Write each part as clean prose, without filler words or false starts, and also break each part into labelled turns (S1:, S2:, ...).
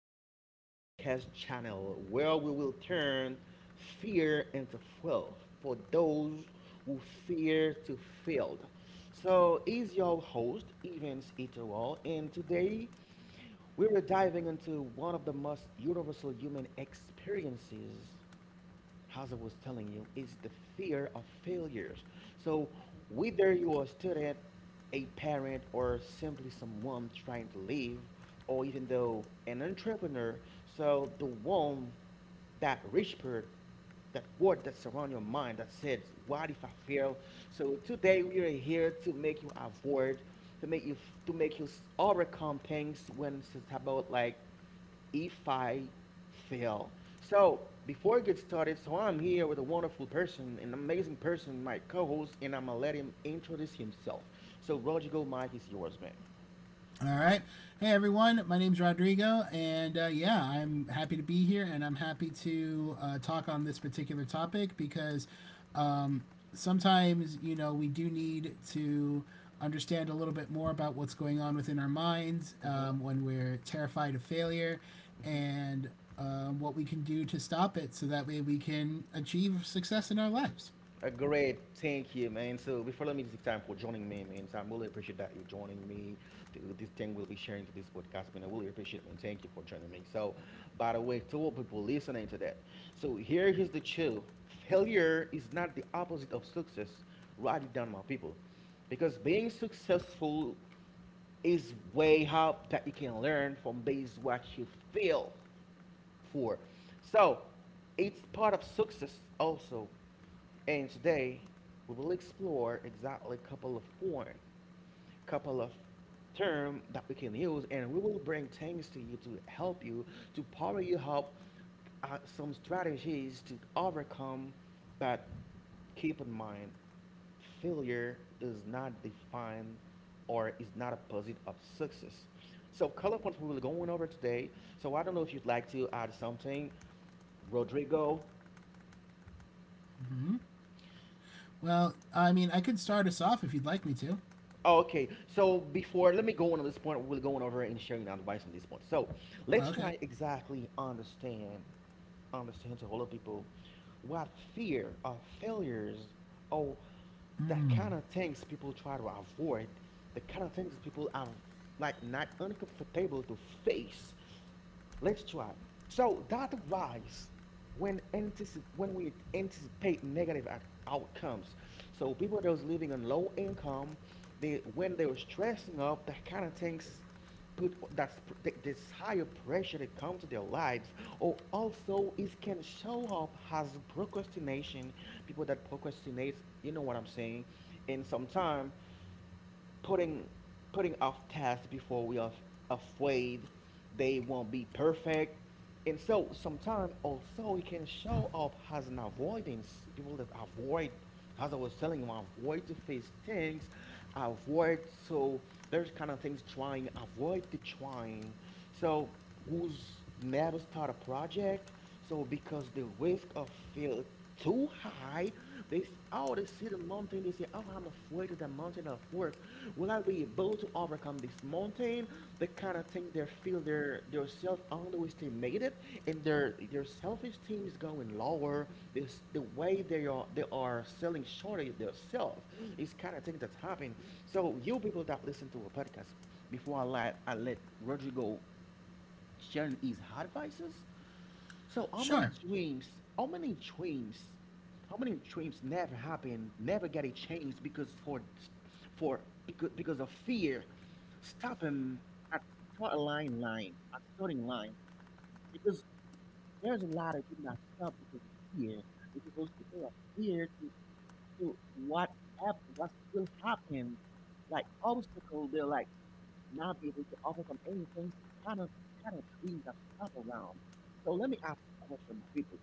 S1: to our podcast channel where we will turn fear into fuel for those who fear to fail. So, is your host Evans Itowal, and today we are diving into one of the most universal human experiences as I was telling you, is the fear of failures. So, whether you are a student, a parent, or simply someone trying to live, or even though an entrepreneur, so the one that whispered, that word that surround your mind that says, "What if I fail?" So today we are here to make you avoid, to make you, overcome things when it's about like if I fail. So before I get started, so I'm here with a wonderful person, an amazing person, my co-host, and I'm gonna let him introduce himself. So Rodrigo, Mike is yours,
S2: All right. Hey, everyone. My name's Rodrigo, and yeah, I'm happy to be here, and I'm happy to talk on this particular topic because um, sometimes, you know, we do need to understand a little bit more about what's going on within our minds
S1: man.
S2: when we're terrified of failure
S1: Hmm.
S2: and what we can do to stop it so that way we can achieve success in our lives.
S1: A great thank you, man. So before let me take time for joining me, man. So I really appreciate that you're joining me. This thing we'll be sharing to this podcast, man. I really appreciate it, man. Thank you for joining me. So, by the way, to all people listening to that, so here is the chill. Failure is not the opposite of success. Write it down, my people, because being successful is way up that you can learn from based what you feel for. So it's part of success also. And today we will explore exactly a couple of forms, couple of term that we can use, and we will bring things to you to help you to power you up. Some strategies to overcome that. Keep in mind failure does not define or is not opposite of success. So color points we will be going over today. So I don't know if you'd like to add something, Rodrigo.
S2: Hmm. Well, I mean, I could start us off if you'd like me to.
S1: Oh, okay, so before, let me go on to this point. We're going over and sharing our advice on this point. So let's
S2: Okay.
S1: try exactly understand, understand to all the people what fear or failures or that
S2: Mm.
S1: kind of things people try to avoid, the kind of things people are like not uncomfortable to face. Let's try. So that rise when we anticipate negative outcomes. So people that was living on low income, they when they were stressing up, that kind of things put this higher pressure that come to their lives or also it can show up as procrastination, people that procrastinate, you know what I'm saying, and sometimes putting putting off tasks before we are afraid they won't be perfect. And so sometimes also it can show up as an avoidance. People that avoid, as I was telling you, avoid to face things, avoid so there's kind of things trying, avoid the trying. So who's never start a project, so because the risk of feel too high, oh they see the mountain, they say, "Oh, I'm afraid of the mountain of work. Will I be able to overcome this mountain?" They kind of think they feel their self underestimated and their self esteem is going lower. This the way they are selling short of themselves is kind of thing that's happening. So you people that listen to a podcast, before I let Rodrigo sharing his advices. So how many
S2: Sure.
S1: dreams, how many dreams, how many dreams never happen, never get a chance because for because of fear, stop him at start line line, at starting line. Because there's a lot of dreams that stop because of fear. Because those people are fear to what what will happen, like obstacle they're like not be able to overcome anything, kind of kind of dreams that stop around. So let me ask a question, my people.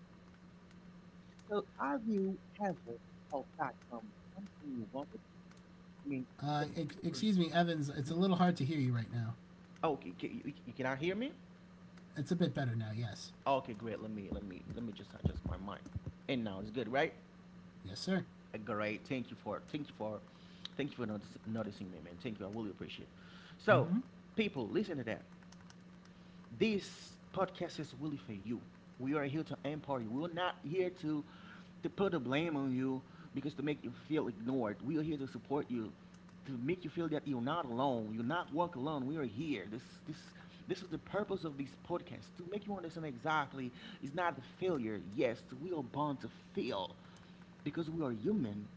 S1: So have you ever held back from something you wanted? I mean, simply because.
S2: Excuse me, Evans. It's a
S1: Mhm.
S2: little hard to hear you right now.
S1: Okay, can, you cannot hear me?
S2: It's a bit better now. Yes.
S1: Okay, great. Let me just adjust my mic. And now it's good, right?
S2: Yes, sir.
S1: Great. Thank you for noticing me, man. Thank you. I really appreciate it. So,
S2: Mm-hmm.
S1: people, listen to that. This podcast is really for you. We are here to empower you. We're not here to put the blame on you because to make you feel ignored. We are here to support you, to make you feel that you're not alone. You're not walk alone. We are here. This is the purpose of this podcast to make you understand exactly it's not a failure. Yes, we are born to fail because we are human.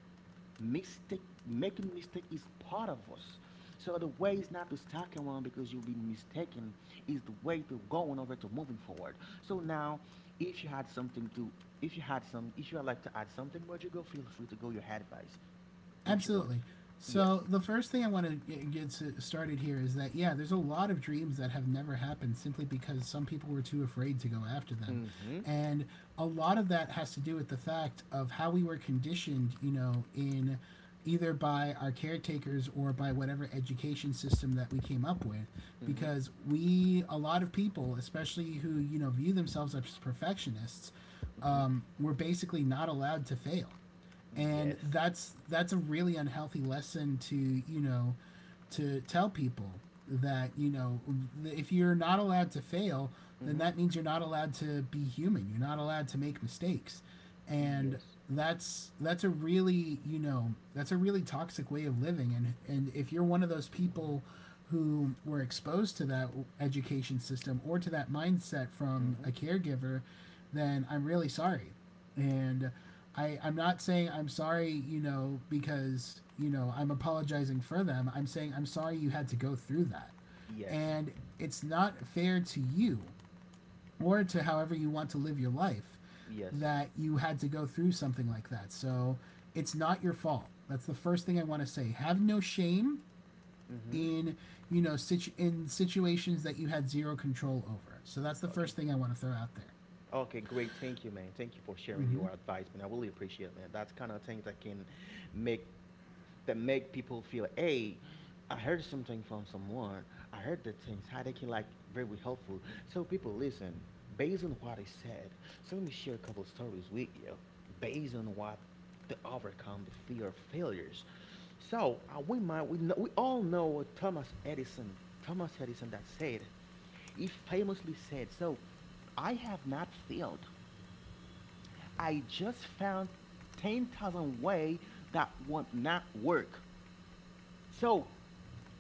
S1: Mistake, making mistake is part of us. So the way is not to stuck around because you've been mistaken. Is the way to going over to moving forward. So now, if you had something to, if you had some, if you would like to add something, but you go, feel free to go your advice, if you want.
S2: Absolutely.
S1: Yes.
S2: So the first thing I want to started here is that yeah, there's a lot of dreams that have never happened simply because some people were too afraid to go after them,
S1: Mm-hmm.
S2: and a lot of that has to do with the fact of how we were conditioned, you know, in either by our caretakers or by whatever education system that we came up with
S1: Mm-hmm.
S2: because we a lot of people especially who you know view themselves as perfectionists
S1: Mm-hmm.
S2: were basically not allowed to fail, and
S1: Yes.
S2: that's a really unhealthy lesson to, you know, to tell people that, you know, if you're not allowed to fail, then
S1: Mm-hmm.
S2: that means you're not allowed to be human, you're not allowed to make mistakes. And
S1: Yes.
S2: that's a really, you know, that's a really toxic way of living. And if you're one of those people who were exposed to that education system or to that mindset from a
S1: Mm-hmm.
S2: caregiver, then I'm really sorry. And I'm not saying I'm sorry, you know, because, you know, I'm apologizing for them. I'm saying I'm sorry you had to go through that.
S1: Yes.
S2: And it's not fair to you or to however you want to live your life,
S1: Yes.
S2: that you had to go through something like that. So it's not your fault. That's the first thing I want to say. Have no shame
S1: Mm-hmm.
S2: in, you know, in situations that you had zero control over. So that's the
S1: Okay.
S2: first thing I want to throw out there.
S1: Okay, great. Thank you, man. Thank you for sharing your advice, man. I really appreciate it, man. That's kind of things that can make that make people feel, hey, I heard something from someone. I heard the things how they can like very helpful. So people listen based on what I said. So let me share a couple stories with you based on what to overcome the fear of failures. So we might we know, we all know Thomas Edison, that said. He famously said, "So I have not failed. I just found 10,000 ways that would not work." So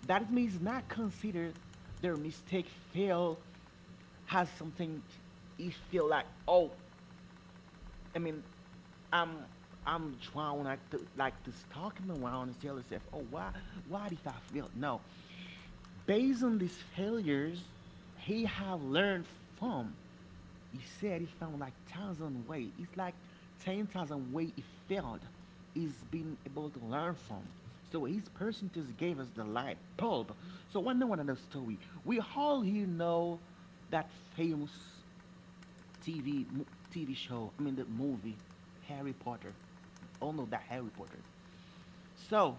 S1: that means not consider their mistake fail has something. It feel like, oh, I mean, I'm I'm trying like to stalking around and tell yourself, oh why did I fail? No. Based on these failures, he have learned from. He said he found like thousand way. It's like 10,000 way he failed. He's been able to learn from. So his percentage gave us the light bulb. So one know another story. We all here know that famous TV TV show. I mean the movie Harry Potter. All know that Harry Potter. So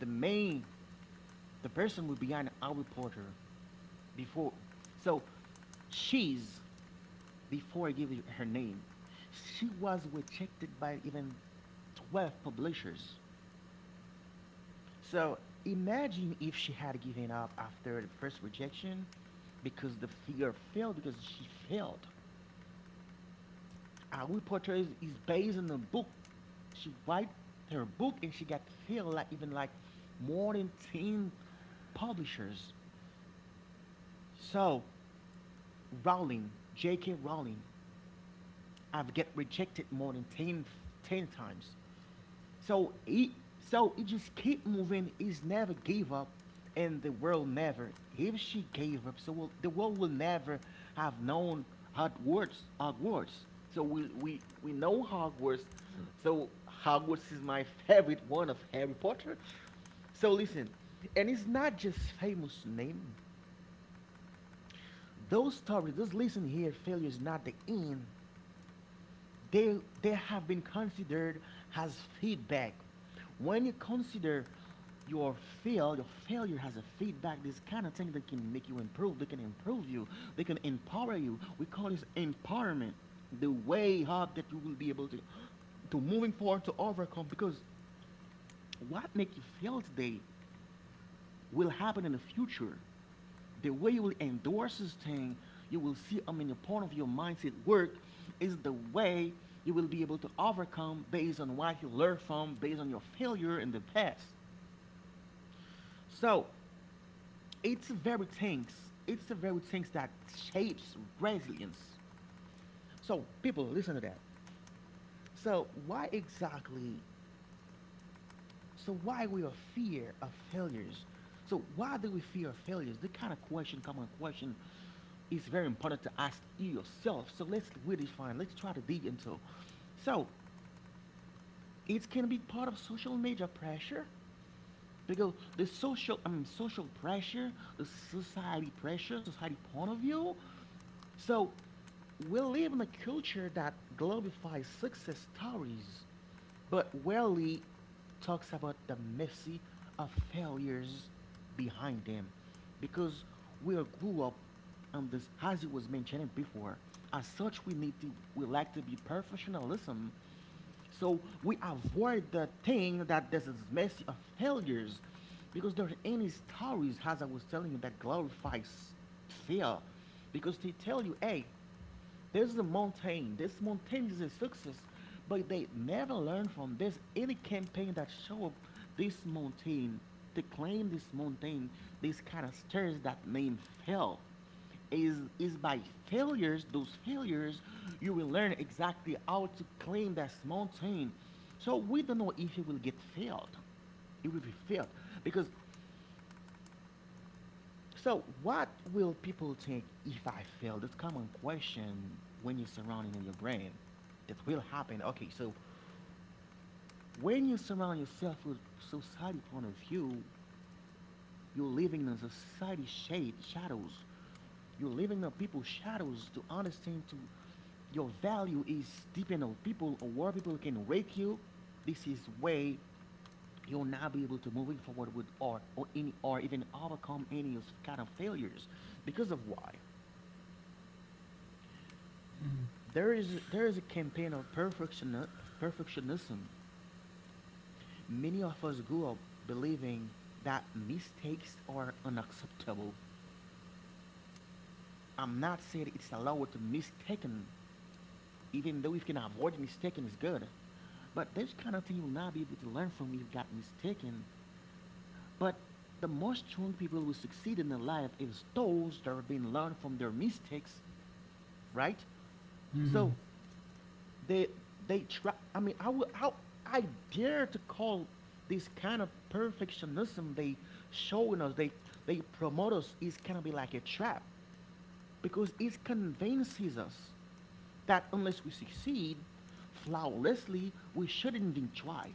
S1: the main the person who behind Harry Potter before so she's before I give you her name, she was rejected by even 12 publishers. So imagine if she had given up after the first rejection because the fear failed because she failed. How it portrays is based on a book. She write her book and she got filled like even like more than ten publishers. So Rowling, J.K. Rowling, I've get rejected more than 10, 10 times. So he just keep moving. He's never gave up, and the world never. If she gave up, so will, the world will never have known Hogwarts. Hogwarts. So we know Hogwarts. So Hogwarts is my favorite one of Harry Potter. So listen, and it's not just famous name. Those stories, just listen here. Failure is not the end, they they have been considered as feedback. When you consider your fail, your failure as a feedback, this kind of thing that can make you improve, they can improve you, they can empower you. We call this empowerment, the way up that you will be able to moving forward to overcome because what make you fail today will happen in the future. The way you will endorse this thing, you will see, I mean, the point of your mindset work is the way you will be able to overcome based on what you learn from, based on your failure in the past. So it's the very things that shapes resilience. So people, listen to that. So why exactly So why we are fear of failures? So why do we fear failures? The kind of question, common question, is very important to ask yourself. So let's redefine. Let's try to dig into. So it can be part of social media pressure because the social I mean social pressure, the society pressure, society point of view. So we live in a culture that glorifies success stories, but rarely talks about the messy of failures behind them. Because we are grew up on this as it was mentioned before. As such we like to be perfectionism so we avoid the thing that this is messy of failures because there are any stories, as I was telling you, that glorifies fear because they tell you, hey, there's a mountain. This mountain is a success, but they never learn from this. Any campaign that show up this mountain, to claim this mountain, this kind of stairs that name fell, is by failures. Those failures, you will learn exactly how to claim that mountain. So we don't know if it will get failed. It will be failed. Because so, what will people think if I fail? That's common question when you're surrounding in your brain. That will happen. Okay, so when you surround yourself with society point of view, you're living in society shade shadows. You're living in people's shadows to understand to your value is dependent in of people or where people can rate you. This is way you'll not be able to moving forward with or any or even overcome any of kind of failures because of why? There is a campaign of perfectionism. Many of us grew up believing that mistakes are unacceptable. I'm not saying it's allowed to mistaken, even though if you can avoid mistaken is good. But this kind of thing you will not be able to learn from if you got mistaken. But the most strong people who succeed in their life is those that have been learned from their mistakes, right?
S2: Mm-hmm.
S1: So they they try, I mean, I will how I dare to call this kind of perfectionism they showing us they promote us is kind of be like a trap because it convinces us that unless we succeed flawlessly we shouldn't even try.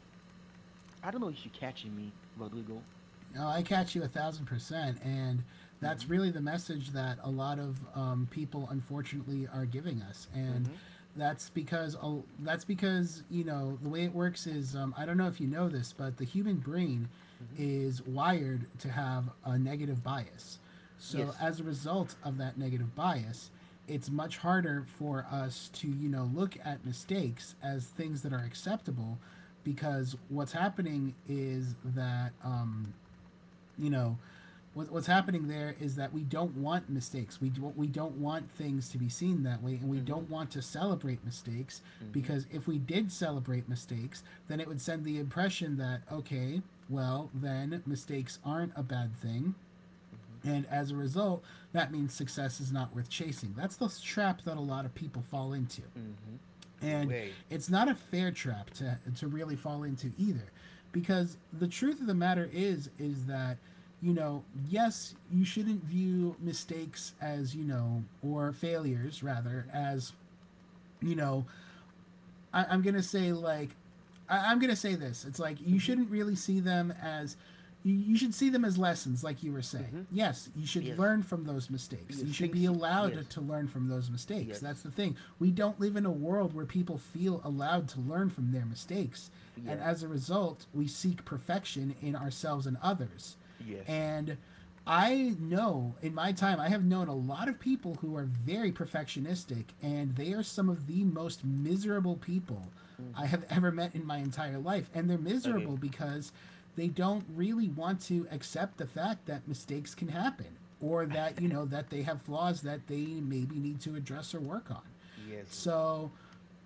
S1: I don't know if you're catching me, Rodrigo.
S2: No, I catch you 1,000%, and that's
S1: Mm-hmm.
S2: really the message that a lot of people, unfortunately, are giving us. And
S1: Mm-hmm.
S2: that's because you know the way it works is, I don't know if you know this, but the human brain
S1: Mm-hmm.
S2: is wired to have a negative bias. So
S1: Yes.
S2: as a result of that negative bias, it's much harder for us to, you know, look at mistakes as things that are acceptable, because what's happening is that, you know, what's happening there is that we don't want mistakes. We don't want things to be seen that way, and we
S1: Mm-hmm.
S2: don't want to celebrate mistakes,
S1: Mm-hmm.
S2: because if we did celebrate mistakes, then it would send the impression that okay, well then mistakes aren't a bad thing.
S1: Mm-hmm.
S2: And as a result, that means success is not worth chasing. That's the trap that a lot of people fall into.
S1: Mm-hmm.
S2: And
S1: Way.
S2: it's not a fair trap to really fall into either, because the truth of the matter is that, you know, yes, you shouldn't view mistakes as, you know, or failures rather
S1: Mm-hmm.
S2: as, you know, I, I'm gonna say like I'm gonna say this. It's like you
S1: Mm-hmm.
S2: shouldn't really see them as you should see them as lessons, like you were saying.
S1: Mm-hmm.
S2: Yes, you should
S1: Yes.
S2: learn from those mistakes. You
S1: Yes,
S2: should
S1: things.
S2: be allowed to
S1: Yes,
S2: learn from those mistakes. That's
S1: yes,
S2: the thing. We don't live in a world where people feel allowed to learn from their mistakes. And
S1: yeah,
S2: as a result, we seek perfection in ourselves and others.
S1: yes.
S2: And I know in my time, I have known a lot of people who are very perfectionistic, and they are some of the most miserable people I
S1: Mm-hmm.
S2: have ever met in my entire life. And they're
S1: Okay.
S2: miserable because they don't really want to accept the fact that mistakes can happen, or that, you know, that they have flaws that they maybe need to address or work on.
S1: Yes,
S2: So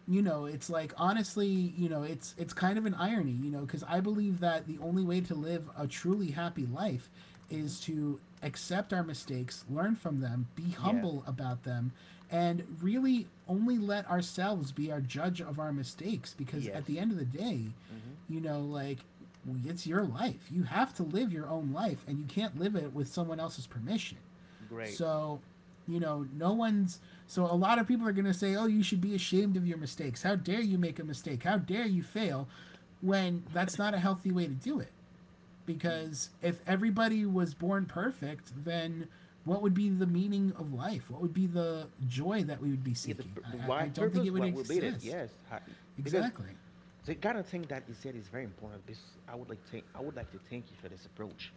S2: you know it's like, honestly, you know, it's kind of an irony, you know, because I believe that the only way to live a truly happy life
S1: mm-hmm,
S2: is to accept our mistakes, learn from them, be
S1: yeah,
S2: humble about them, and really only let ourselves be our judge of our mistakes, because at the
S1: yes,
S2: end of the day,
S1: mm-hmm,
S2: you know, like, it's your life, you have to live your own life, and you can't live it with someone else's permission.
S1: great.
S2: So, you know, no one's. So, a lot of people are going to say, oh, you should be ashamed of your mistakes. How dare you make a mistake? How dare you fail? When that's not a healthy way to do it.
S1: Y-
S2: Because if everybody was born perfect, then what would be the meaning of life? What would be the joy that we would be
S1: Yeah, the
S2: seeking? I
S1: wife
S2: don't think it
S1: purpose,
S2: would
S1: what will be it?
S2: exist.
S1: Yes, Because
S2: Exactly.
S1: the kind of thing that you said is very important. Because I would like to thank you for this approach.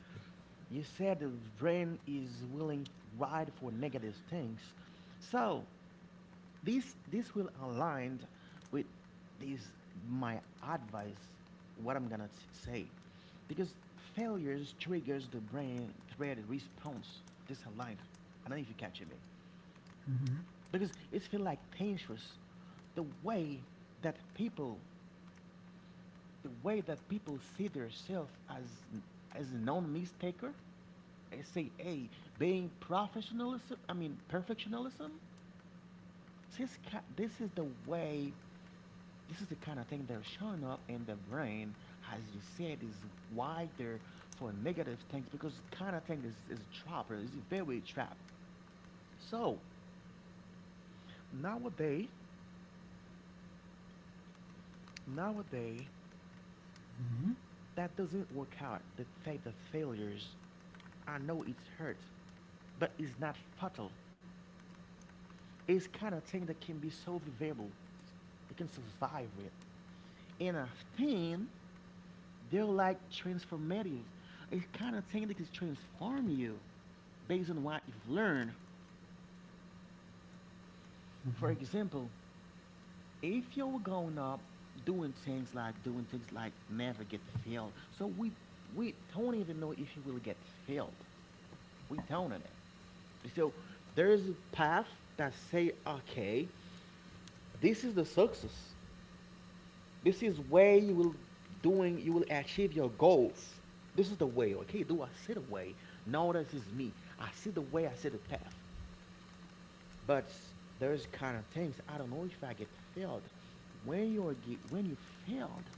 S1: You said the brain is willing right for negative things, so this will align with this my advice, what I'm gonna say, because failures triggers the brain thread response. This aligned. I don't know if you're catching me, because it feel like dangerous, the way that people see themselves as a known mistaker. I say, hey, being professionalism, I mean, perfectionism, this is the way, this is the kind of thing that's showing up in the brain, as you said, is why they're for negative things because kind of thing is a trap, or is a very trap. So nowadays, nowadays, that doesn't work out. The fact that failures, I know it's hurt, but it's not fatal. It's kind of thing that can be so survivable. You can survive it. And I think they're like transformative. It kind of technically transform you based on what you've learned. For example, if you were growing up doing things like never get failed, so we don't even know if you will get failed. We don't on it. So there is a path that say, okay, this is the success. This is where you will achieve your goals. This is the way, okay? Do I see the way? No, this is me. I see the way, I see the path. But there's kind of things I don't know if I get failed. When you're when you failed,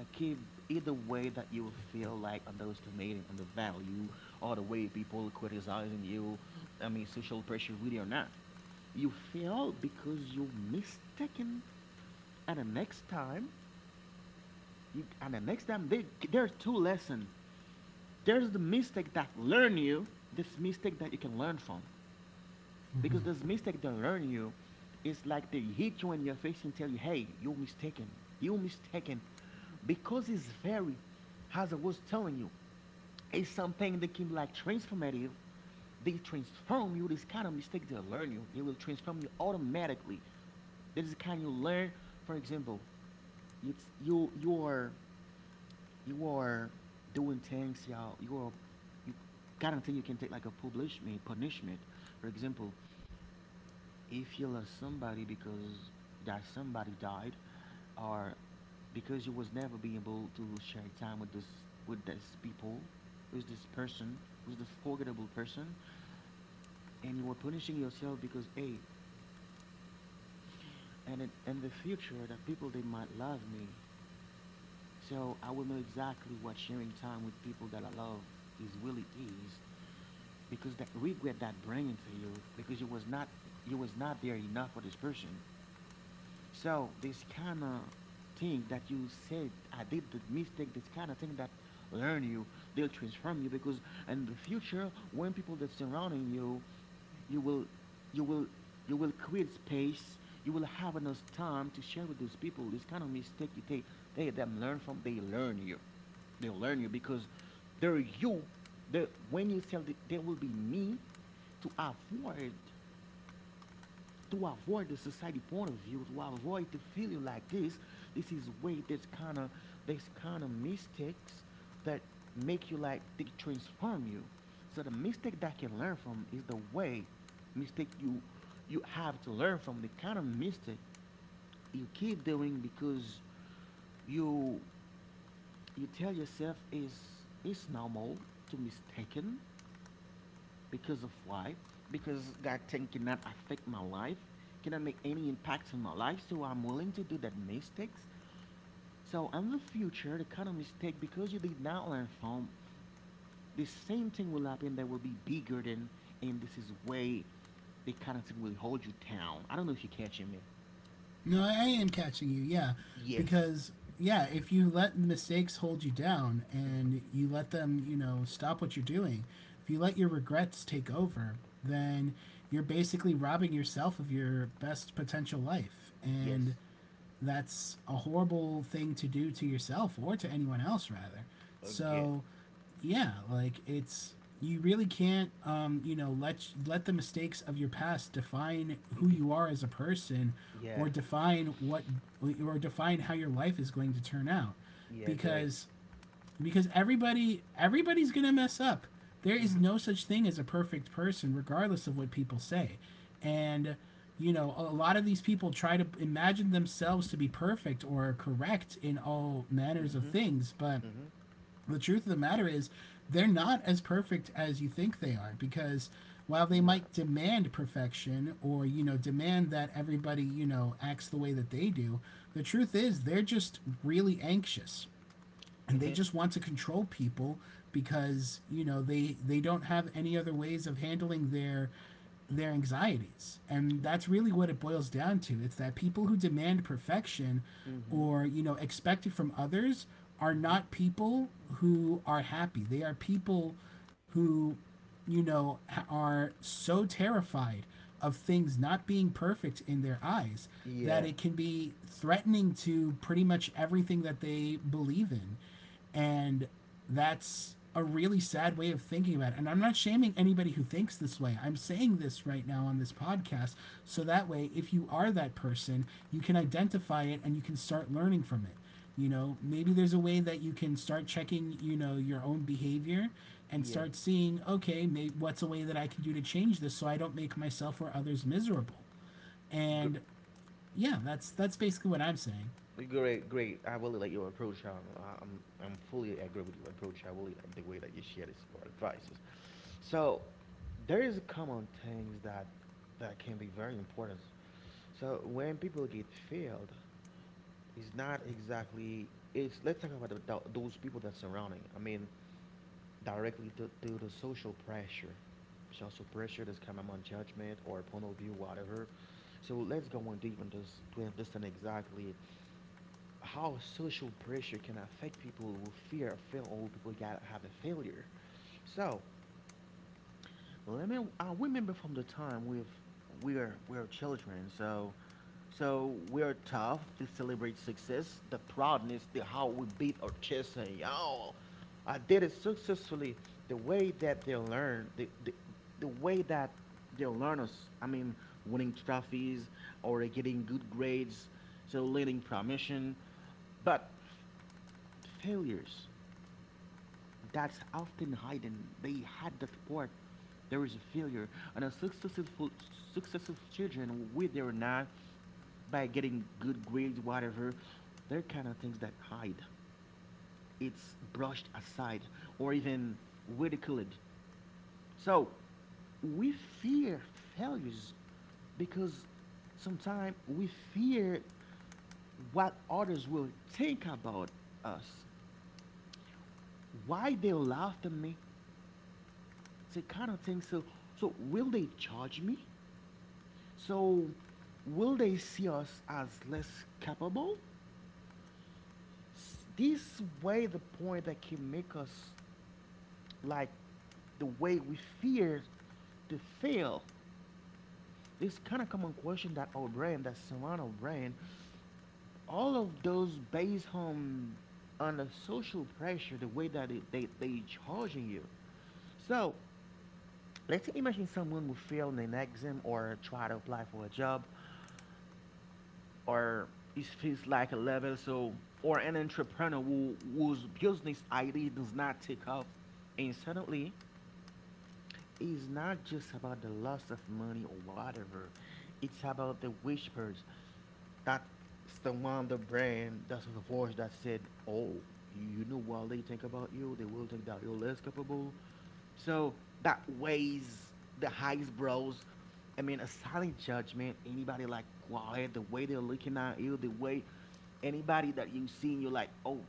S1: okay, either way that you feel like underestimating on the value or the way people criticizing you, I mean social pressure with you or not. You fail because you mistaken and the next time and the next time, there are two lessons. There's the mistake that learn you, this mistake that you can learn from. Because this mistake they learn you, it's like they hit you in your face and tell you, hey, you're mistaken. You're mistaken. Because it's very, as I was telling you, it's something that can be like transformative. They transform you. This kind of mistake they learn you. They will transform you automatically. This is the kind you learn. For example, you you you are you are doing things, y'all. You gotta think you can take like a punishment. For example, if you lost somebody because that somebody died or because you was never being able to share time with this people with this person with this forgettable person and you were punishing yourself because, hey, and in the future the people they might love me, so I will know exactly what sharing time with people that I love is really is, because that regret that bringing to you because you was not there enough for this person. So this kind of thing that you said, I did the mistake, this kind of thing that learn you, they'll transform you because in the future, when people that surrounding you, you will, you will, you will create space. You will have enough time to share with those people. This kind of mistake you take, they them learn from, they learn you because they're you. They, when you sell, the, there will be me to avoid the society point of view, to avoid the failure like this is way that's kind of this kind of mistakes that make you like they transform you. So the mistake that you can learn from is the way mistake you have to learn from the kind of mistake you keep doing because you you tell yourself is it's normal to mistaken because of why? Because God thing cannot affect my life, cannot make any impact on my life, so I'm willing to do that mistakes. So in the future, the kind of mistake because you did not learn from, the same thing will happen that will be bigger than, and this is way the kind of thing will hold you down. I don't know if you're catching me.
S2: No, I am catching you. Yeah,
S1: Yes,
S2: because yeah, if you let mistakes hold you down and you let them, you know, stop what you're doing, if you let your regrets take over, then you're basically robbing yourself of your best potential life. And
S1: yes,
S2: that's a horrible thing to do to yourself or to anyone else rather.
S1: again.
S2: So yeah, like, it's you really can't, you know, let the mistakes of your past define
S1: It
S2: who
S1: def-
S2: you are as a person,
S1: yeah,
S2: or define what or define how your life is going to turn out.
S1: yeah, great.
S2: Because everybody's gonna mess up. There is
S1: Mhm,
S2: no such thing as a perfect person, regardless of what people say. And you know, a lot of these people try to imagine themselves to be perfect or correct in all manners of
S1: mhm,
S2: things, but
S1: mhm.
S2: the truth of the matter is they're not as perfect as you think they are, because while they
S1: No.
S2: might demand perfection, or, you know, demand that everybody you know acts the way that they do, the truth is they're just really anxious, and they
S1: Mhm,
S2: just want to control people, because, you know, they don't have any other ways of handling their anxieties, and that's really what it boils down to. It's that people who demand perfection,
S1: mhm,
S2: or, you know, expect it from others, are
S1: mhm.
S2: not people who are happy. They are people who, you know, are so terrified of things not being perfect in their eyes
S1: Yeah,
S2: that it can be threatening to pretty much everything that they believe in. And that's a really sad way of thinking about it. And I'm not shaming anybody who thinks this way. I'm saying this right now on this podcast so that way, if you are that person, you can identify it and you can start learning from it. You know, maybe there's a way that you can start checking, you know, your own behavior, and
S1: yeah.
S2: start seeing, okay, maybe what's a way that I can do to change this so I don't make myself or others miserable.
S1: Gr-
S2: And yeah, that's basically what I'm saying.
S1: Great, great. I really like your approach. I'm fully agree with your approach. I really like the way that you share this, your advices. So, there is common things that can be very important. So, when people get failed, it's not exactly. It's let's talk about those people that surrounding. I mean, directly to the social pressure that's coming on judgment or point of view, whatever. So let's go on deep and just to understand exactly how social pressure can affect people who fear of fail or people got have a failure. So let me I remember from the time we are children, so we are tough to celebrate success, the proudness, the how we beat our chest and you I did it successfully. The way that they learn, the, the the way that they learn us. I mean, winning trophies or getting good grades, so learning promotion. But failures that's often hidden. They had that part. There is a failure, and a successful children with their not by getting good grades, whatever. They're kind of things that hide. It's brushed aside or even ridiculed. So we fear failures because sometimes we fear what others will think about us. Why they laughed at me? So kind of thing. So will they charge me? So will they see us as less capable? This way, the point that can make us like the way we fear to fail. This kind of common question that our brain, that surround our brain, all of those based on the social pressure, the way that they charging you. So let's imagine someone who failed an exam or try to apply for a job or it feels like a level so or an entrepreneur who, whose business idea does not take off and suddenly it's not just about the loss of money or whatever. It's about the whispers that surround the brand, that's the voice that said, oh, you know what they think about you? They will think that you're less capable. So that weighs the highest brows. I mean, a silent judgment, anybody like quiet, the way they're looking at you, the way anybody that you see, you're like, oh,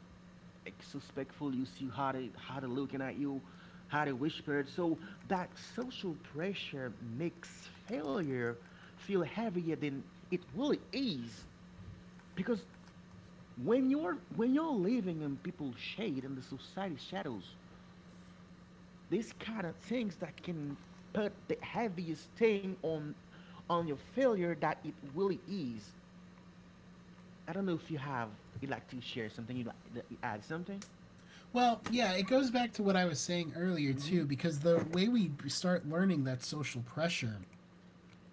S1: like suspectful. You see how they looking at you, how they whispered. So that social pressure makes failure feel heavier than it really is, because when you're living in people's shade and the society shadows, these kind of things that can put the heaviest thing on your failure that it really is. I don't know if you have you like to share something you like that you add something.
S2: Well, yeah, it goes back to what I was saying earlier
S1: Mm-hmm.
S2: too, because the way we start learning that social pressure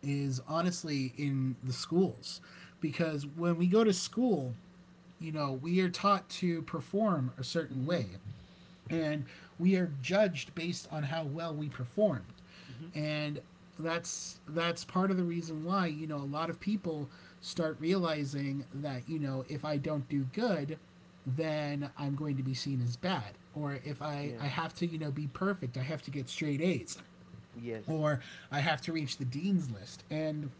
S2: is honestly in the schools, because when we go to school, you know, we are taught to perform a certain
S1: Mm-hmm.
S2: way, and we are judged based on how well we performed.
S1: Mm-hmm.
S2: And that's part of the reason why, you know, a lot of people start realizing that, you know, if I don't do good, then I'm going to be seen as bad, or if i
S1: Yeah.
S2: i have to, you know, be perfect, I have to get straight A's,
S1: Yes.
S2: or I have to reach the dean's list. And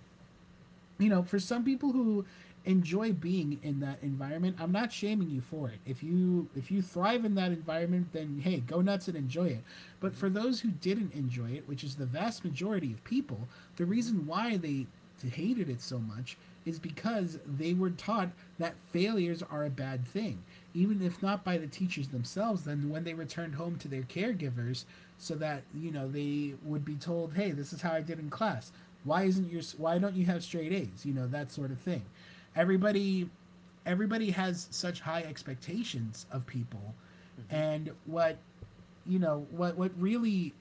S2: you know, for some people who enjoy being in that environment, I'm not shaming you for it. If you thrive in that environment, then hey, go nuts and enjoy it. But
S1: Mhm.
S2: for those who didn't enjoy it, which is the vast majority of people, the
S1: Mhm.
S2: reason why they hated it so much is because they were taught that failures are a bad thing, even if not by the teachers themselves. Then when they returned home to their caregivers, so that, you know, they would be told, "Hey, this is how I did in class. Why isn't your Why don't you have straight A's? You know that sort of thing." Everybody, everybody has such high expectations of people,
S1: Mhm.
S2: and what really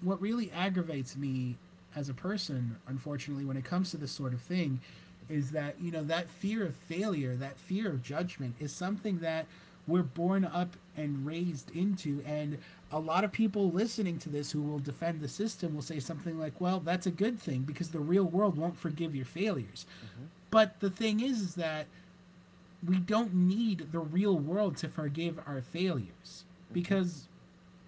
S2: what really aggravates me as a person, unfortunately, when it comes to this sort of thing
S1: Mhm.
S2: is that you know that fear of failure, that fear of judgment is something that we're born up and raised into. And a lot of people listening to this who will defend the system will say something like, well, that's a good thing because the real world won't forgive your failures.
S1: Mhm.
S2: But the thing is that we don't need the real world to forgive our failures
S1: Mhm.
S2: because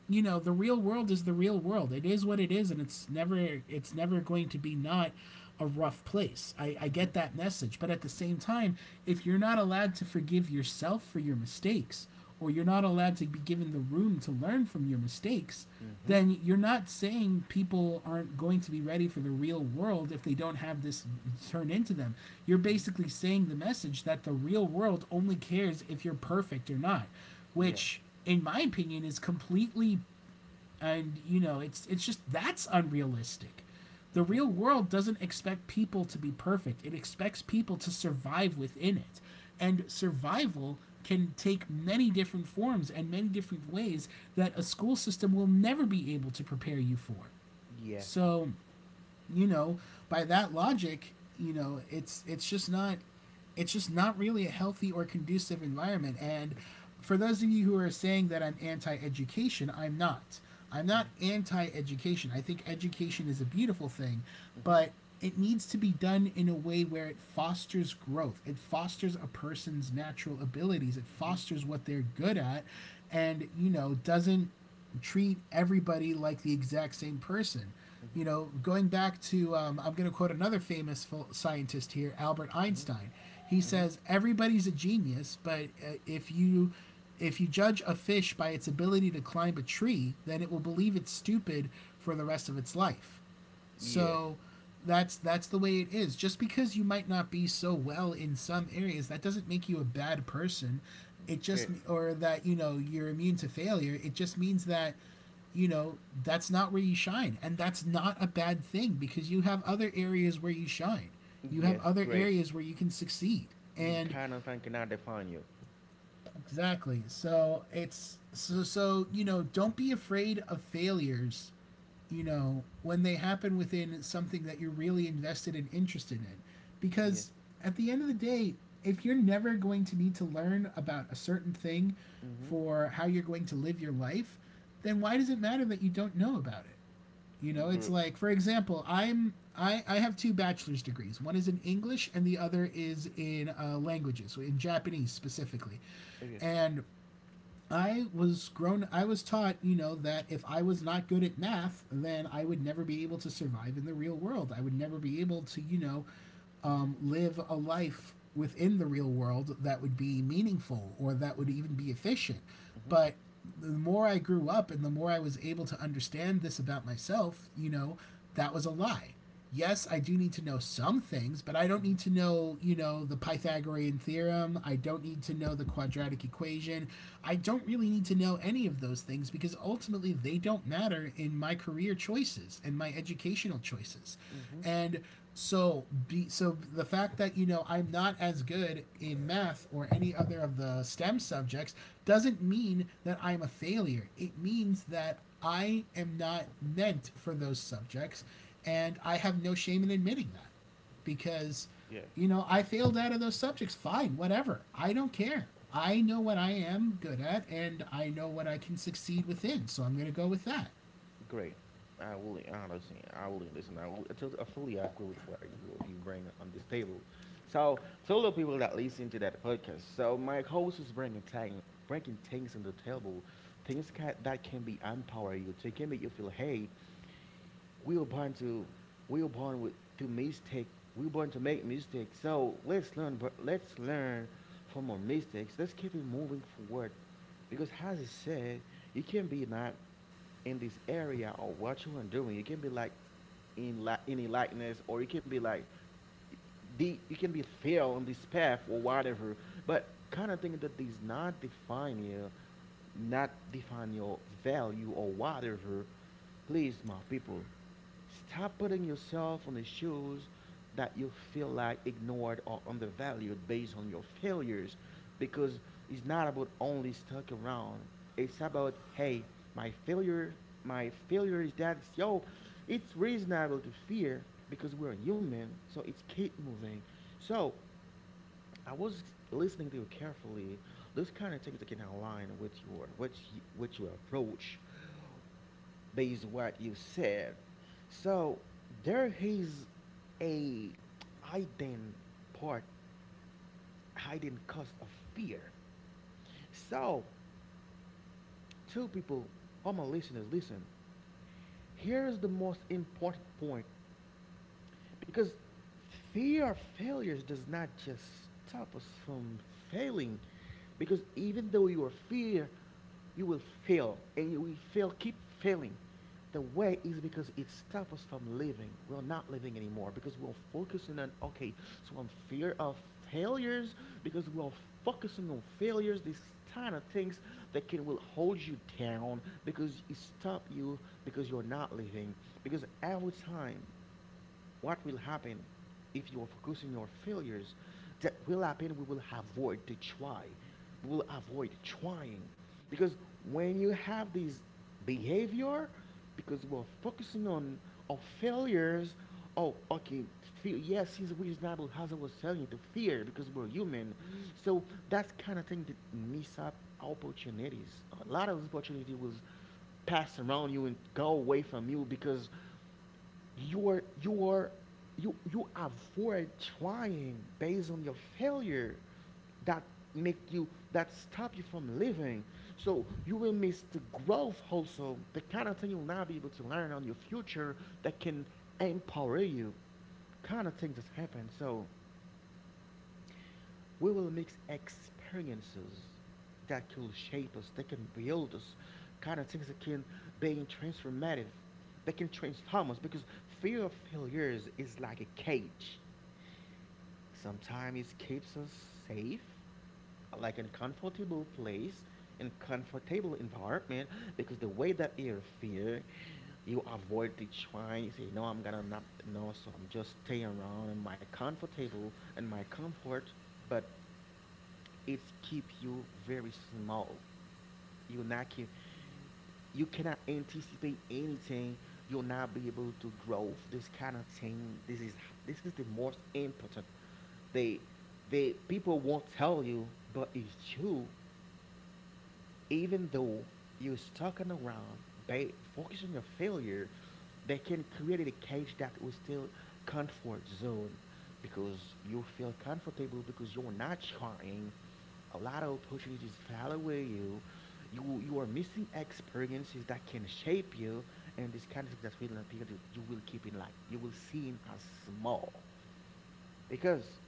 S2: you know the real world is the real world, it is what it is, and it's never going to be not a rough place. I
S1: Mhm.
S2: get that message, but at the same time, if you're not allowed to forgive yourself for your mistakes, or you're not allowed to be given the room to learn from your mistakes,
S1: Mhm.
S2: then you're not saying people aren't going to be ready for the real world if they don't have this turned into them. You're
S1: Mhm.
S2: basically saying the message that the real world only cares if you're perfect or not,
S1: Yeah.
S2: which, in my opinion, is completely and you know it's just that's unrealistic. The
S1: Mhm.
S2: real world doesn't expect people to be perfect, it expects people to survive within it. And survival can take many different forms and many different ways that a school system will never be able to prepare you for.
S1: Yeah.
S2: So you know, by that logic, you know, it's just not, it's just not really a healthy or conducive environment. And for those of you who are saying that I'm anti-education, I'm not. I'm not
S1: Mhm.
S2: anti-education. I think education is a beautiful thing,
S1: Mhm.
S2: but it needs to be done in a way where it fosters growth. It fosters a person's natural abilities. It
S1: Mhm.
S2: fosters what they're good at, and, you know, doesn't treat everybody like the exact same person.
S1: Mhm.
S2: You know, going back to, I'm going to quote another famous scientist here, Albert
S1: Mhm.
S2: Einstein. He
S1: Mhm.
S2: says, "Everybody's a genius, but if you judge a fish by its ability to climb a tree, then it will believe it's stupid for the rest of its life."
S1: Yes.
S2: So that's the way it is. Just because you might not be so well in some areas, that doesn't make you a bad person. It
S1: Great.
S2: just or that you know you're immune to failure. It just means that you know that's not where you shine, and that's not a bad thing because you have other areas where you shine. You have
S1: Yes.
S2: other
S1: Great.
S2: areas where you can succeed,
S1: He's
S2: and
S1: kind of thinking I define you.
S2: exactly. So it's so you know, don't be afraid of failures, you know, when they happen within something that you're really invested and interested in,
S1: Yeah.
S2: because at the end of the day, if you're never going to need to learn about a certain thing
S1: Mhm.
S2: for how you're going to live your life, then why does it matter that you don't know about it? You know, it's
S1: Great.
S2: like, for example, I have two bachelor's degrees. One is in English, and the other is in languages, so in Japanese specifically.
S1: Okay.
S2: And I was grown. I was taught, you know, that if I was not good at math, then I would never be able to survive in the real world. I would never be able to, you know,
S1: Mhm.
S2: live a life within the real world that would be meaningful or that would
S1: Mhm.
S2: even be efficient.
S1: Mhm.
S2: But the more I grew up and the more I was able to understand this about myself, you know, that was a lie. Yes, I do need to know some things, but I don't
S1: Mhm.
S2: need to know, you know, the Pythagorean theorem. I don't need to know the quadratic equation. I don't really need to know any of those things because ultimately they don't matter in my career choices and my educational choices.
S1: Mhm.
S2: And so the fact that you know I'm not as good in math or any other of the STEM subjects doesn't mean that I'm a failure. It means that I am not meant for those subjects, and I have no shame in admitting that because
S1: Yeah.
S2: you know I failed out of those subjects, fine, whatever, I don't care, I know what I am good at and I know what I can succeed within, so I'm going to go with that.
S1: Great. I will honestly, I will listen. I will. I fully agree with what you bring on this table. So, to all the people that listen to that podcast, so my host is bringing things on the table, things ca that can be empower you. They can make you feel, hey, we were born to, we were born with to mistake. We were born to make mistakes. So let's learn. Let's learn from our mistakes. Let's keep it moving forward, because as I said, you can be not in this area or what you are doing. You can be like in enlightenment, or you can be like the you can be fail on this path or whatever. But kind of thing that does not define you, not define your value or whatever. Please, my people, stop putting yourself on the shoes that you feel like ignored or undervalued based on your failures because it's not about only stuck around. It's about, hey, my failure is that, yo, it's reasonable to fear because we're human. So it's keep moving. So I was listening to you carefully. Those kind of things that can align with your, with your approach based what you said. So there is a hidden part, hidden cost of fear. So, two people, all my listeners, listen. Here's the most important point. Because fear of failures does not just stop us from failing. Because even though you are fear, you will fail. And you will fail, keep failing. The way is because it stops us from living. We're not living anymore because we're focusing on, okay, so I'm fear of failures because we're focusing on failures, these kind of things that can will hold you down because it stop you because you're not living. Because every time what will happen if you are focusing your failures, that will happen, we will avoid to try, we will avoid trying because when you have this behavior, because we are focusing on our failures. Oh, okay, fear, yes, it's reasonable as I was telling you to fear because we're human. So that's kind of thing that miss up opportunities, a lot of opportunity was passed around you and go away from you because you're you avoid trying based on your failure that make you, that stop you from living. So you will miss the growth, also the kind of thing you'll not be able to learn on your future that can empower you, kind of things that happen. So we will mix experiences that can shape us, that can build us, kind of things that can be transformative, that can transform us. Because fear of failures is like a cage. Sometimes it keeps us safe, like in a comfortable place, in comfortable environment. Because the way that you fear, you avoid the trying. You say, no, I'm gonna not no, so I'm just staying around in my comfortable and my comfort. But it's keep you very small. You're not keep, you cannot anticipate anything. You'll not be able to grow. This kind of thing. This is the most important. They they people won't tell you, but it's true. Even though you're stuck on the ground, focus on your failure, they can create a cage that will still comfort zone because you feel comfortable because you're not trying. A lot of opportunities fall away you. You are missing experiences that can shape you, and this kind of thing that will appear, you will keep in, like you will see in as small because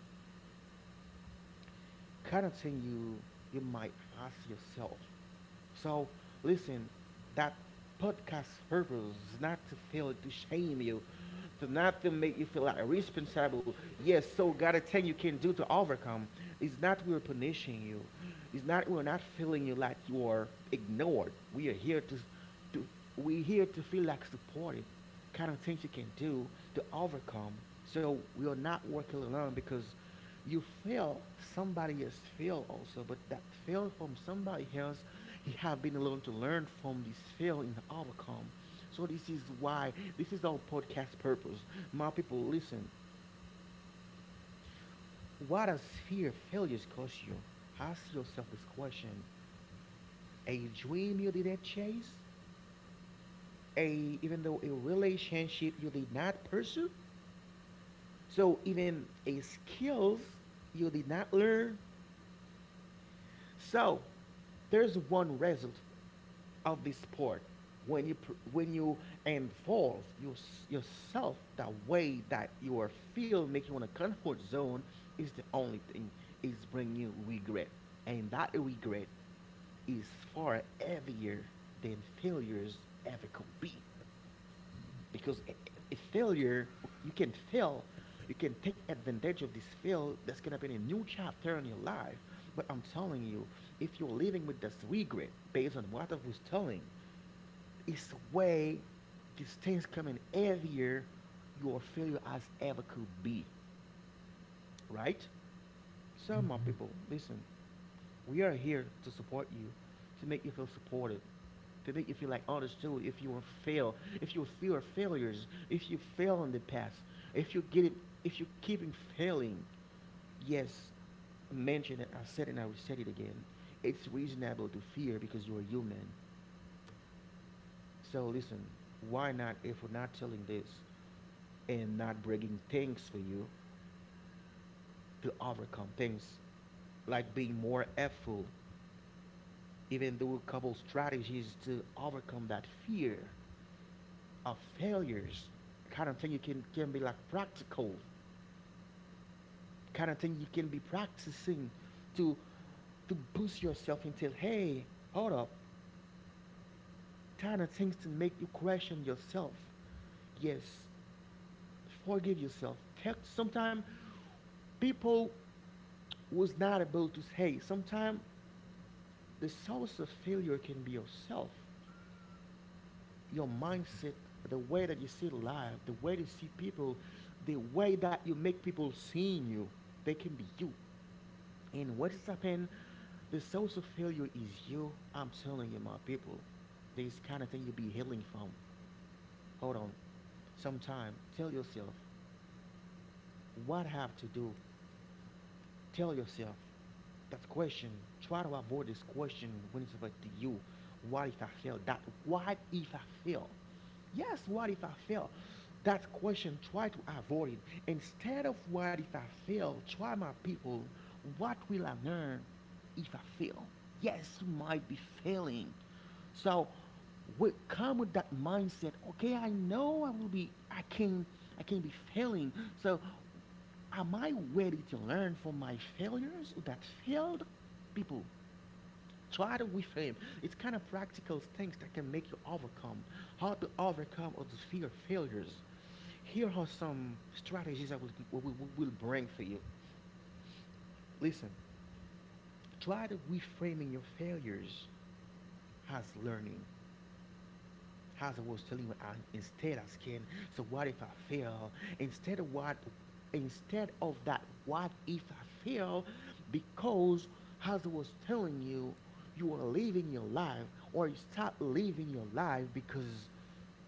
S1: kind of thing you might ask yourself. So listen, that podcast purpose is not to feel to shame you, to not to make you feel like responsible. Yes, so got a thing you can do to overcome. It's not we're punishing you. It's not we're not feeling you like you are ignored. We are here we're here to feel like supported, the kind of things you can do to overcome. So we are not working alone because you fail, somebody else fail also, but that fail from somebody else, you have been alone to learn from this fail and overcome. So this is why, this is our podcast purpose. My people, listen, what does fear of failures cost you? Ask yourself this question. A dream you didn't chase? A even though a relationship you did not pursue, so even a skills you did not learn. So there's one result of this sport when you when you involve your, yourself the way that you are feel making you in a comfort zone is the only thing, is bringing you regret, and that regret is far heavier than failures ever could be. Because a failure, you can fail, you can take advantage of this fail. That's gonna be a new chapter in your life, but I'm telling you, if you're living with this regret based on what I was telling, it's way these things coming heavier your failure as ever could be. Right. So my people, listen, we are here to support you, to make you feel supported, to make you feel like understood. If you were fail, if you fear failures, if you fail in the past, if you get it, if you keep in failing, yes, I mentioned it. I said it, and I will say it again. It's reasonable to fear because you are human. So listen, why not? If we're not telling this and not breaking things for you to overcome things, like being more effort, even though a couple strategies to overcome that fear of failures, kind of thing you can be like practical, kind of thing you can be practicing to to boost yourself until hey, hold up, kind of things to make you question yourself. Yes, forgive yourself. Sometimes people was not able to say. Sometimes the source of failure can be yourself, your mindset, the way that you see life, the way you see people, the way that you make people seeing you. They can be you. And what is happening? The source of failure is you. I'm telling you, my people. This kind of thing you be healing from. Hold on. Sometime, tell yourself what I have to do. Tell yourself that question. Try to avoid this question when it's about to you. What if I fail? That what if I fail? Yes, what if I fail? That question, try to avoid it. Instead of what if I fail, try my people, what will I learn if I fail? Yes, you might be failing. So we come with that mindset, okay, I know I will be, I can, I can be failing. So am I ready to learn from my failures that failed people? Try to reframe. It's kind of practical things that can make you overcome. How to overcome all the fear of failures. Here are some strategies I will bring for you. Listen, try to reframing your failures as learning. As I was telling you, I, instead I can. So what if I fail? Instead of what? Instead of that, what if I fail? Because as I was telling you, you are living your life, or you start living your life because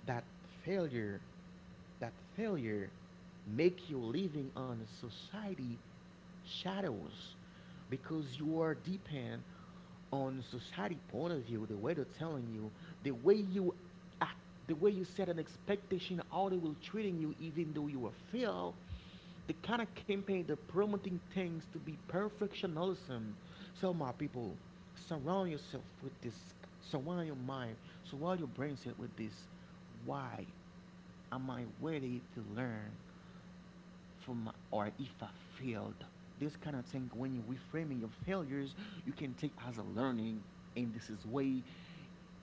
S1: that failure, that failure, make you living on society shadows because you are depend on society point of view, the way they're telling you, the way you act, the way you set an expectation, how they will treating you, even though you are fail, the kind of campaign that promoting things to be perfectionism. So my people, surround yourself with this, surround your mind, surround your brain set with this. Why am I ready to learn from or if I failed? This kind of thing, when you reframing your failures, you can take as a learning, and this is way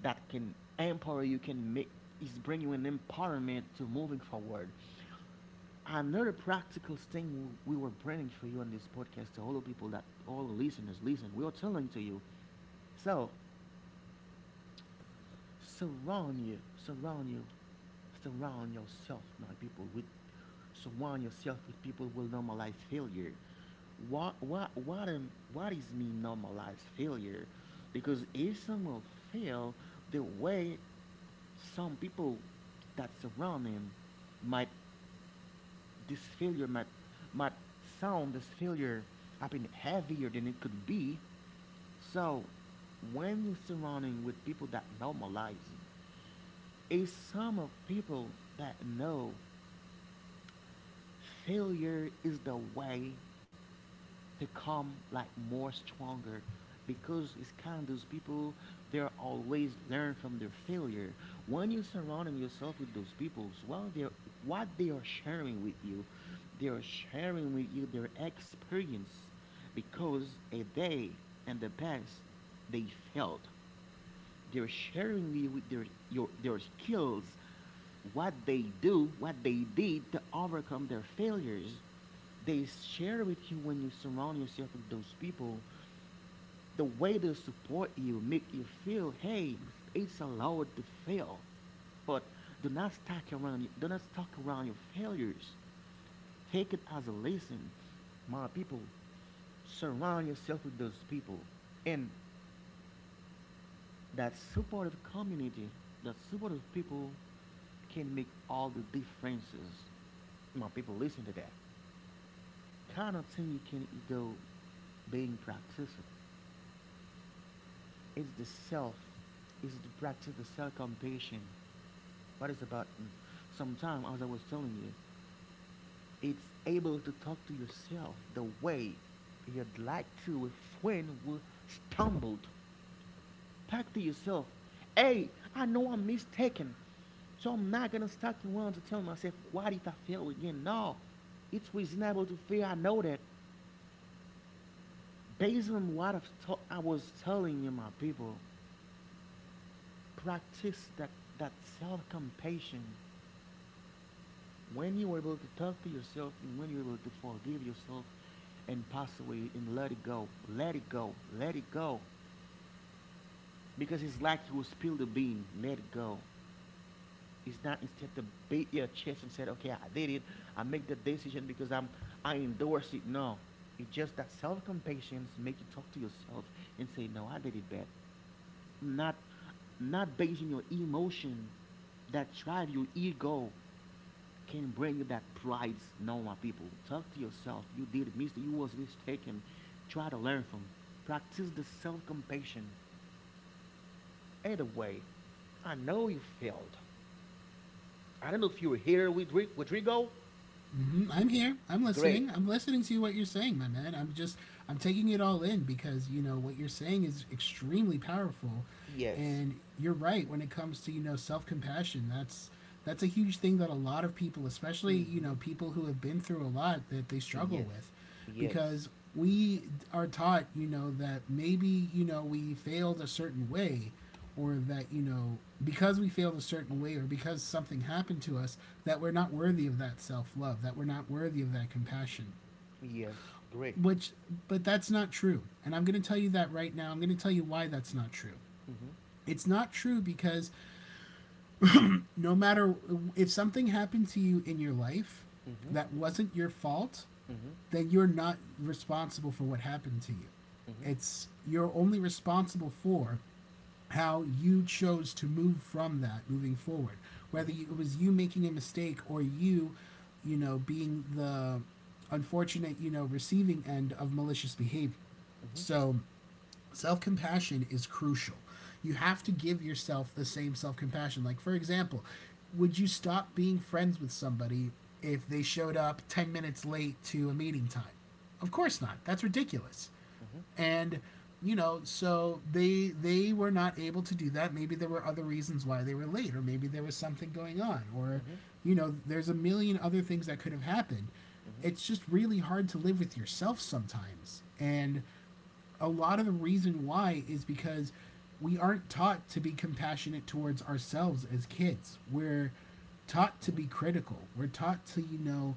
S1: that can empower you, can make is bring you an empowerment to moving forward. Another practical thing we were bringing for you on this podcast to all the people that all the listeners listen, we are telling to you. So Surround you, surround you, surround yourself, my people, with surround yourself with people who will normalize failure. What is mean? Normalize failure? Because if someone fail, the way some people that surround him might, this failure might might sound this failure happen heavier than it could be. So when you're surrounding with people that normalize you, a sum of people that know failure is the way to come like more stronger, because it's kind of those people, they're always learn from their failure. When you surrounding yourself with those people, well they're, what they are sharing with you, they are sharing with you their experience. Because a day and the past they failed, they're sharing you with their skills, what they do, what they did to overcome their failures. They share with you when you surround yourself with those people. The way they support you, make you feel, hey, it's allowed to fail. But do not stuck around. Do not stuck around your failures. Take it as a lesson, my people. Surround yourself with those people, and that supportive community, that supportive people can make all the differences. My people, listen to that. Kind of thing you can do being practiced. It's the self, it's the practice, the self compassion. What is about sometimes, as I was telling you, it's able to talk to yourself the way you'd like to if when we stumbled. Talk to yourself. Hey, I know I'm mistaken. So I'm not gonna start around to tell myself, what if I fail again? No, it's reasonable to fear. I know that. Based on what I was telling you, my people, practice that, that self compassion. When you're able to talk to yourself and when you're able to forgive yourself and pass away and let it go, let it go, let it go. Because it's like you will spill the bean, let it go. It's not instead to beat your chest and said, "Okay, I did it. I make the decision because I endorse it." No, it's just that self-compassion make you talk to yourself and say, "No, I did it bad." Not not basing your emotion that drive your ego can bring you that pride. No, my people, talk to yourself. You did it, Mister. You was mistaken. Try to learn from. Practice the self-compassion. Either way, I know you failed. I don't know if you were here with with Rigo.
S2: Hmm, I'm here. I'm
S1: Great.
S2: listening. I'm listening to what you're saying, my man. I'm just I'm taking it all in because you know what you're saying is extremely powerful,
S1: Yes.
S2: and you're right when it comes to you know self compassion. That's a huge thing that a lot of people, especially you
S1: Mm-hmm.
S2: know people who have been through a lot, that they struggle
S1: Yes.
S2: with
S1: Yes.
S2: because we are taught, you know, that maybe, you know, we failed a certain way, or that, you know, because we failed a certain way or because something happened to us, that we're not worthy of that self love, that we're not worthy of that compassion.
S1: Yes. Great.
S2: Which, but that's not true. And I'm going to tell you that right now. I'm going to tell you why that's not true.
S1: Mm-hmm.
S2: It's not true because no matter if something happened to you in your life
S1: Mm-hmm.
S2: that wasn't your fault,
S1: Mm-hmm.
S2: then you're not responsible for what happened to you.
S1: Mm-hmm.
S2: It's you're only responsible for how you chose to move from that moving forward. Whether you, it was you making a mistake or you know, being the unfortunate, you know, receiving end of malicious behavior.
S1: Mm-hmm.
S2: So self compassion is crucial. You have to give yourself the same self compassion. Like, for example, would you stop being friends with somebody if they showed up 10 minutes late to a meeting time? Of course not. That's ridiculous.
S1: Mm-hmm. Mm-hmm.
S2: And you know, so they were not able to do that. Maybe there were other reasons why they were late, or maybe there was something going on, or
S1: Mm-hmm.
S2: you know, there's a million other things that could have happened.
S1: Mm-hmm.
S2: It's just really hard to live with yourself sometimes. And a lot of the reason why is because we aren't taught to be compassionate towards ourselves as kids. We're taught to
S1: Mm-hmm.
S2: be critical. We're taught to, you know,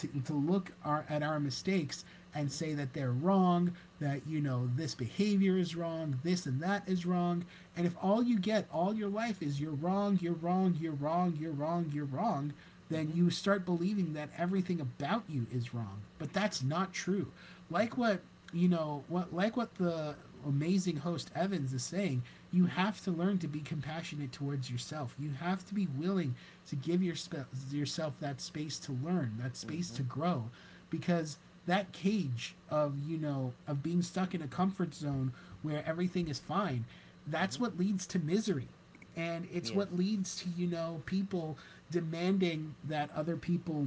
S2: to look our, at our mistakes and say that they're wrong, that, you know, this behavior is wrong, this and that is wrong. And if all you get all your life is you're wrong, you're wrong, you're wrong, you're wrong, you're wrong, then
S1: Mm-hmm.
S2: you start believing that everything about you is wrong. But that's not true. Like what you know what like what the amazing host Evans is saying, you
S1: Mm-hmm.
S2: have to learn to be compassionate towards yourself. You have to be willing to give yourself that space to learn, that space
S1: Mm-hmm.
S2: to grow, because that cage of you know of being stuck in a comfort zone where everything is fine, that's
S1: Mm-hmm.
S2: what leads to misery. And it's
S1: Yeah.
S2: what leads to, you know, people demanding that other people,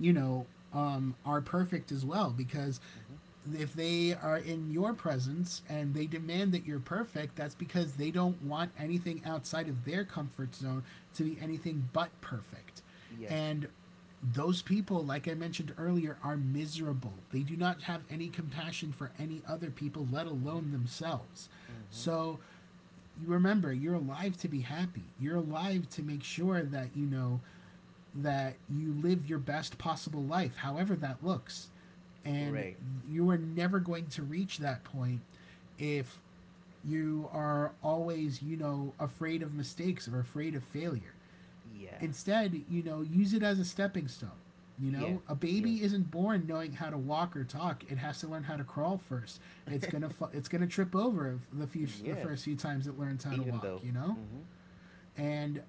S2: you know, are perfect as well because
S1: Mm-hmm.
S2: if they are in your presence and they demand that you're perfect, that's because they don't want anything outside of their comfort zone to be anything but perfect.
S1: Yes.
S2: And those people, like I mentioned earlier, are miserable. They do not have any compassion for any other people, let alone
S1: Mm-hmm.
S2: themselves.
S1: Mm-hmm.
S2: So remember, you're alive to be happy. You're alive to make sure that, you know, that you live your best possible life, however that looks. And
S1: Right.
S2: you are never going to reach that point if you are always, you know, afraid of mistakes or afraid of failure.
S1: Yeah.
S2: Instead, you know, use it as a stepping stone. You
S1: Yeah.
S2: know, a
S1: Yes.
S2: baby isn't born knowing how to walk or talk. It has to learn how to crawl first. It's gonna trip over the few the
S1: Yeah.
S2: first few times it learns how to
S1: Even
S2: walk.
S1: though.
S2: You know,
S1: Mm-hmm.
S2: and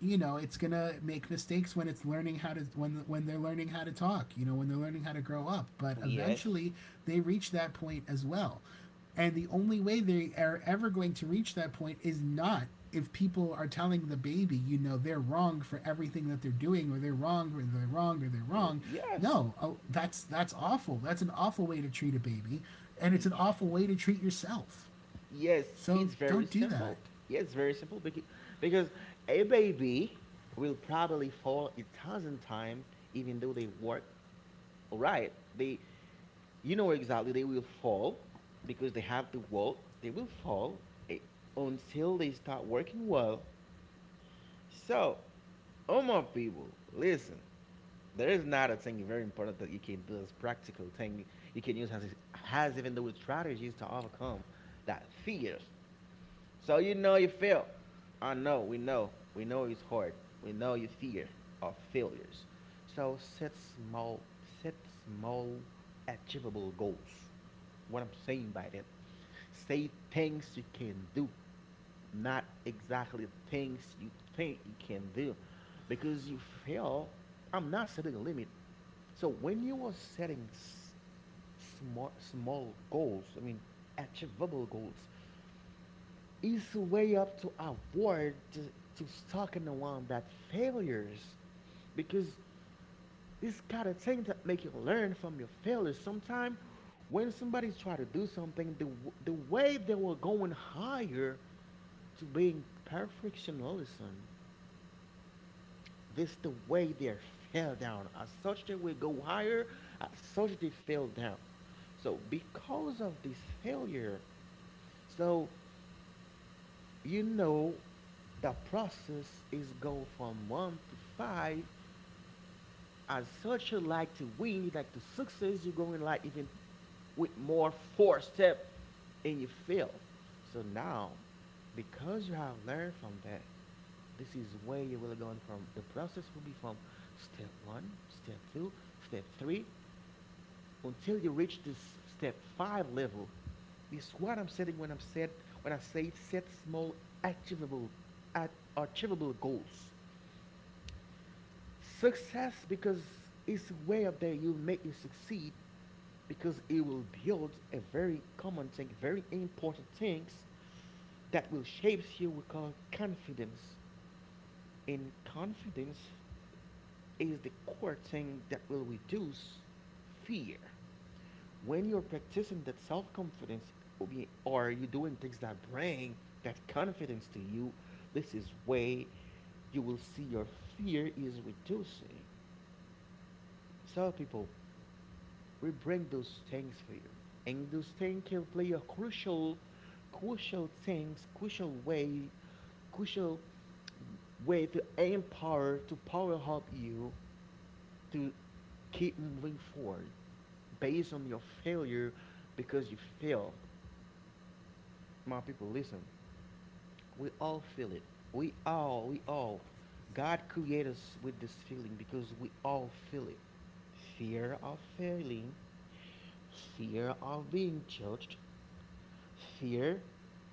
S2: you know it's gonna make mistakes when it's learning how to when they're learning how to talk, you know, when they're learning how to grow up, but
S1: Yes.
S2: eventually they reach that point as well. And the only way they are ever going to reach that point is not if people are telling the baby, you know, they're wrong for everything that they're doing, or they're wrong, or they're wrong, or they're wrong.
S1: Yes.
S2: No, oh, that's awful, that's an awful way to treat a baby, and it's
S1: Y-
S2: an awful way to treat yourself,
S1: Yes,
S2: so
S1: it's very
S2: don't do that.
S1: simple. Yes, it's very simple because a baby will probably fall 1,000 times even though they work all right. They, you know exactly they will fall because they have to walk. They will fall eh, until they start working well. So, all my people, listen. There is not a thing very important that you can do as practical thing you can use as even though strategies to overcome that fears so you know you fail. I know, we know. We know it's hard. We know you fear of failures. So set small achievable goals. What I'm saying by that. Say things you can do, not exactly things you think you can do. Because you fail, I'm not setting a limit. So when you are setting smart, small goals, I mean, achievable goals, is way up to avoid to stuck in the one that failures because this kind of thing that make you learn from your failures sometimes when somebody's try to do something the way they were going higher to being perfectionism, this the way they fell down as such they will go higher as such they fell down so because of this failure. So you know, the process is go from one to five. As such, you like to win, you like to success, you go in like even with more four step and you fail. So now, because you have learned from that, this is where you will go from the process will be from step one, step two, step three, until you reach this step five level, is what I'm saying when I'm said when I say set small achievable at achievable goals. Success because it's way up there you make you succeed because it will build a very common thing, very important things that will shape you we call confidence. And confidence is the core thing that will reduce fear. When you're practicing that self-confidence or you're doing things that bring that confidence to you, this is way you will see your fear is reducing. So people, we bring those things for you, and those things can play a crucial things crucial way crucial way to empower to power up you to keep moving forward based on your failure because you fail. My people, listen. We all feel it. We all. God created us with this feeling because we all feel it. Fear of failing, fear of being judged. Fear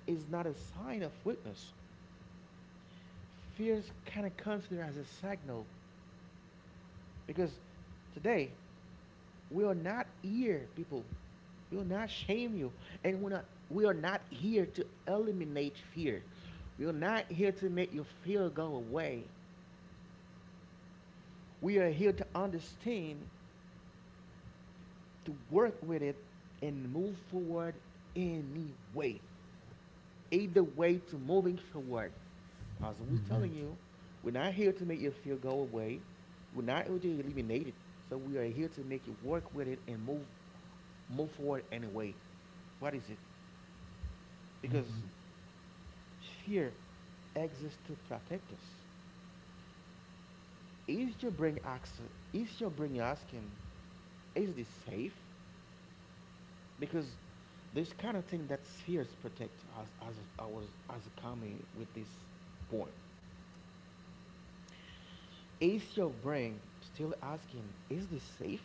S1: is not a sign of weakness. Fear is kind of considered as a signal because today we are not here, people. We will not shame you. And we are not here to eliminate fear. We are not here to make your fear go away. We are here to understand, to work with it, and move forward anyway. Either way to moving forward. As I was
S2: Mm-hmm.
S1: telling you, we're not here to make your fear go away. We're not here to eliminate it. So we are here to make you work with it and move move forward anyway. What is it? Because
S2: Mm-hmm.
S1: fear exists to protect us. Is your brain asking, is this safe? Because this kind of thing that spheres protect us as I was as a coming with this point. Is your brain still asking, is this safe?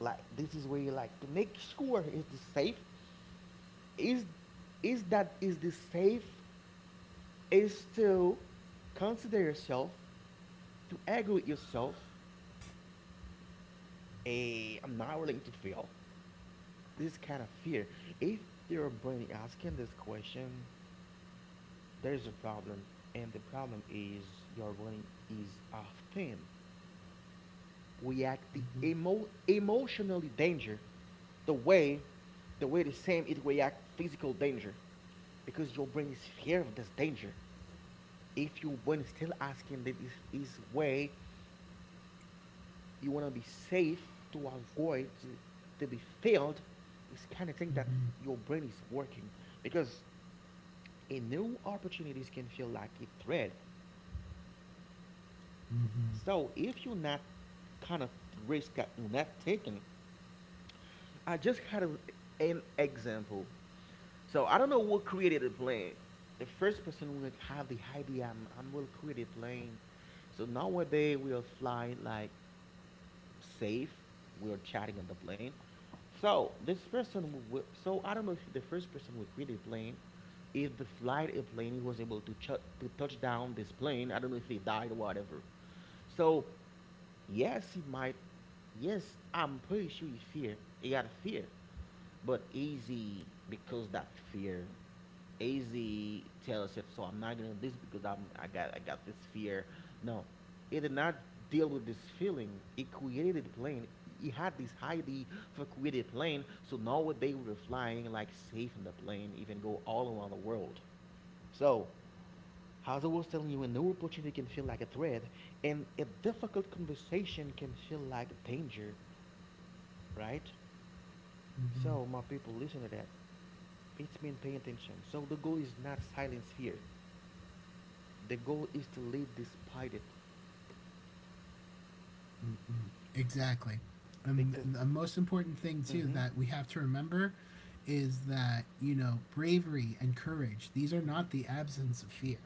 S1: Like this is where you like to make sure, is this safe? Is is this safe is to consider yourself, to argue with yourself, a I'm not willing to fail. This kind of fear. If your brain asking this question, there's a problem, and the problem is your brain is often react the
S2: Mm-hmm.
S1: emotionally danger, the way the way the same it react physical danger because your brain is fear of this danger. If your brain is still asking that is way you want to be safe to avoid to be failed. It's kind of thing that
S2: Mm-hmm.
S1: your brain is working because a new opportunities can feel like a threat,
S2: Mm-hmm,
S1: so if you're not kind of risk that you're not taking, I just had an example. So I don't know what created the plane, the first person would have the idea I'm will create a plane, so nowadays we are flying like safe. We were chatting on the plane. So this person, so I don't know if the first person who created the plane, if the flight a plane he was able to to touch down this plane. I don't know if he died or whatever. So yes, he might. Yes, I'm pretty sure he fear. He got a fear, but easy because that fear AZ Taylor Swift, so I'm not gonna do this because I got this fear. No, it did not deal with this feeling. It created a plane. It had this highly for created plane. So now they were flying like safe on the plane, even go all around the world. So as I was telling you, a new opportunity can feel like a threat, and a difficult conversation can feel like danger, right?
S2: mm-hmm.
S1: So my people, listen to that. It's mean paying attention. So the goal is not silence fear. The goal is to lead despite it,
S2: Exactly. And
S1: because
S2: the most important thing, too,
S1: mm-hmm,
S2: that we have to remember is that, you know, bravery and courage, these are not the
S1: mm-hmm.
S2: absence of fear.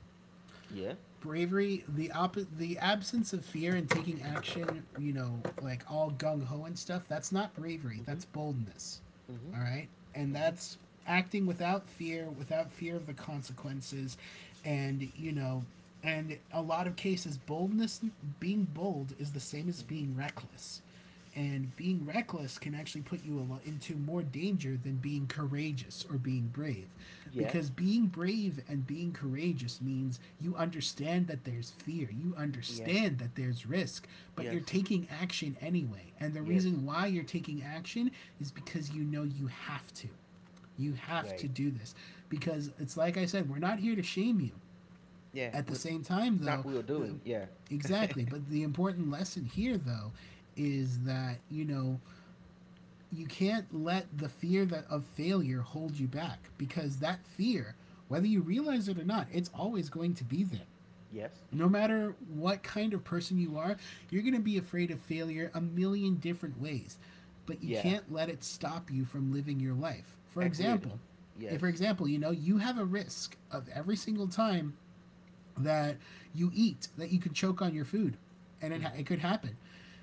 S1: Yeah,
S2: Bravery, the absence of fear and taking action, you know, like all gung ho and stuff, that's not bravery,
S1: mm-hmm,
S2: that's boldness.
S1: mm-hmm,
S2: All right? And
S1: mm-hmm,
S2: that's acting without fear, without fear of the consequences, and, you know, and a lot of cases boldness, being bold is the same as
S1: mm-hmm,
S2: being reckless. And being reckless can actually put you a lot into more danger than being courageous or being brave, because
S1: yes,
S2: being brave and being courageous means you understand that there's fear, you
S1: yeah,
S2: understand that there's risk, but
S1: yes,
S2: you're taking action anyway. And the
S1: yes.
S2: reason why you're taking action is because you know you have to. You have to
S1: Wait,
S2: do this because it's like I said, we're not here to shame you.
S1: yeah,
S2: At the
S1: we,
S2: same time,
S1: it's not
S2: though,
S1: we are
S2: the,
S1: doing. Yeah,
S2: exactly, but the important lesson here, though, is that, you can't let the fear that of failure hold you back, because that fear, whether you realize it or not, it's always going to be there.
S1: yes,
S2: No matter what kind of person you are, you're going to be afraid of failure a million different ways, but you
S1: yeah,
S2: can't let it stop you from living your life. For
S1: agreed.
S2: example, if
S1: Yes,
S2: you have a risk of every single time that you eat that you could choke on your food, and it,
S1: mm-hmm,
S2: it could happen.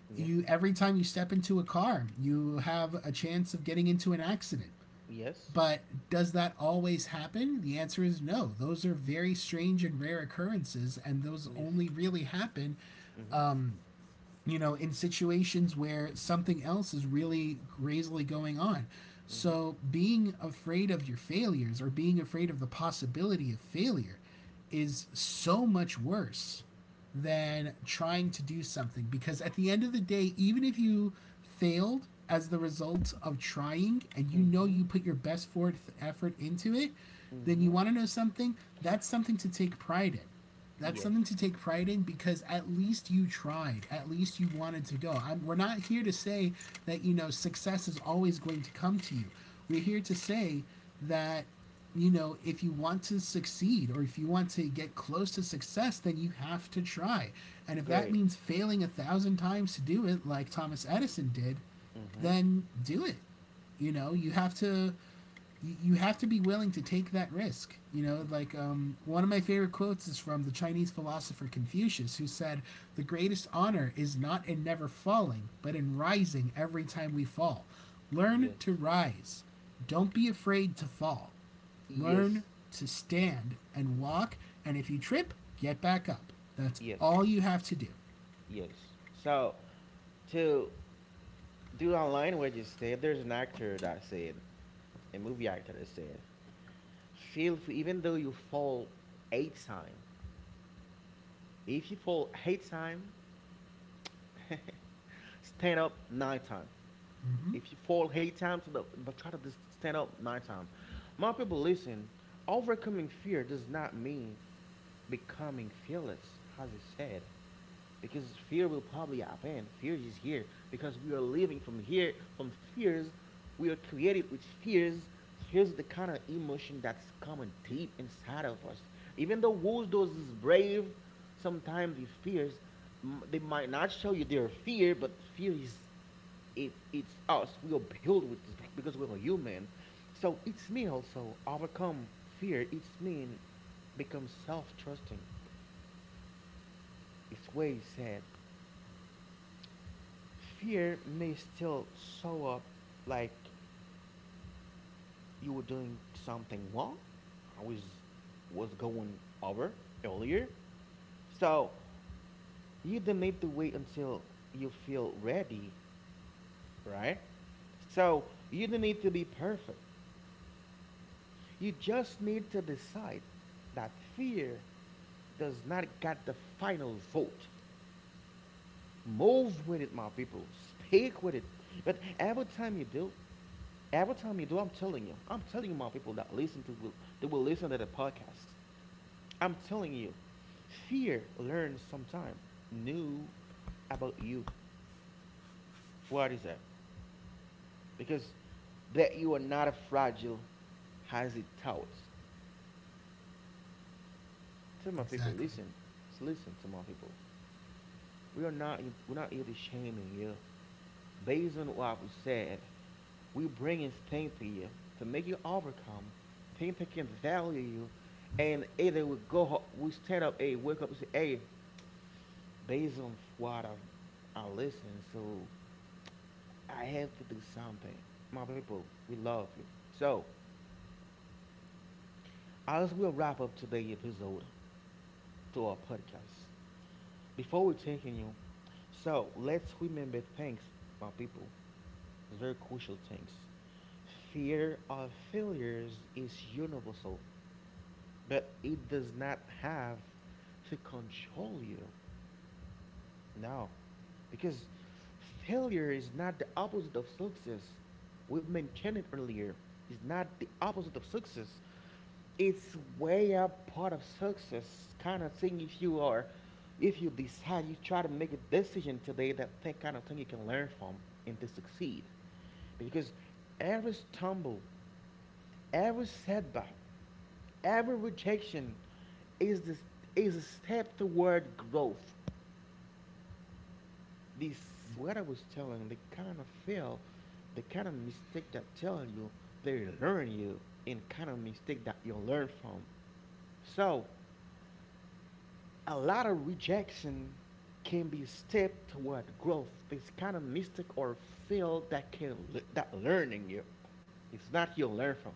S1: yes,
S2: You, every time you step into a car, you have a chance of getting into an accident.
S1: yes,
S2: But does that always happen? The answer is no. Those are very strange and rare occurrences, and those
S1: yes,
S2: only really happen
S1: mm-hmm,
S2: in situations where something else is really crazily going on.
S1: mm-hmm,
S2: So being afraid of your failures or being afraid of the possibility of failure is so much worse than trying to do something, because at the end of the day, even if you failed as the result of trying, and you know
S1: mm-hmm,
S2: you put your best forth effort into it, then
S1: mm-hmm,
S2: you want to know something, that's something to take pride in. That's
S1: yes,
S2: something to take pride in, because at least you tried, at least you wanted to go. We're not here to say that success is always going to come to you. We're here to say that if you want to succeed, or if you want to get close to success, then you have to try. And if that
S1: great,
S2: means failing a thousand times to do it like Thomas Edison did,
S1: mm-hmm,
S2: then do it. You know you have to. You have to be willing to take that risk. Like one of my favorite quotes is from the Chinese philosopher Confucius, who said, "The greatest honor is not in never falling, but in rising every time we fall. Learn
S1: yes,
S2: to rise. Don't be afraid to fall. Learn
S1: yes,
S2: to stand and walk. And if you trip, get back up. That's
S1: yes,
S2: all you have to do."
S1: yes. So to dude online what you said, there's an actor that said, a movie actor that said, feel free even though you fall eight time. If you fall eight time, stand up nine time. If you fall eight times, no, but try to just stand up 9 times. My people, listen. Overcoming fear does not mean becoming fearless, as I said, because fear will probably happen. Fear is here because we are living from here, from fears. We are created with fears. Fears is the kind of emotion that's coming deep inside of us. Even though Woldos is brave, sometimes the fears, they might not show you their fear, but fear it's us. We are built with this because we're human. So it's me also overcome fear. It's me, become self-trusting. It's way said fear may still show up like you were doing something wrong. I was going over earlier. So you don't need to wait until you feel ready, right? So you don't need to be perfect. You just need to decide that fear does not get the final vote. Move with it, my people. Speak with it. But every time you do, every time you do, I'm telling you, my people that listen to will they will listen to the podcast. I'm telling you, fear learns sometime new about you. What is that? Because that you are not as fragile as it touts. Tell my people,
S2: Exactly.
S1: listen, listen to my people. We are not we're not here to shaming you. Based on what we said, we bringing things to you to make you overcome, things that can value you, and either we go, we stand up, hey, wake up and say, hey, based on what I listen, so I have to do something. My people, we love you. So, as we wrap up today's episode to our podcast, before we taking you, so let's remember things, my people. It's very crucial things. Fear of failures is universal, but it does not have to control you. No, because failure is not the opposite of success. We've mentioned it earlier. It's not the opposite of success. It's way up part of success kind of thing. If you are, if you decide, you try to make a decision today that kind of thing you can learn from and to succeed. Because every stumble, every setback, every rejection is this is a step toward growth. This what I was telling, they kind of fail, the kind of mistake that tell you they learn you, and kind of mistake that you learn from. So a lot of rejection can be a step toward growth. This kind of mistake or fail that can that learning you. It's not you learn from.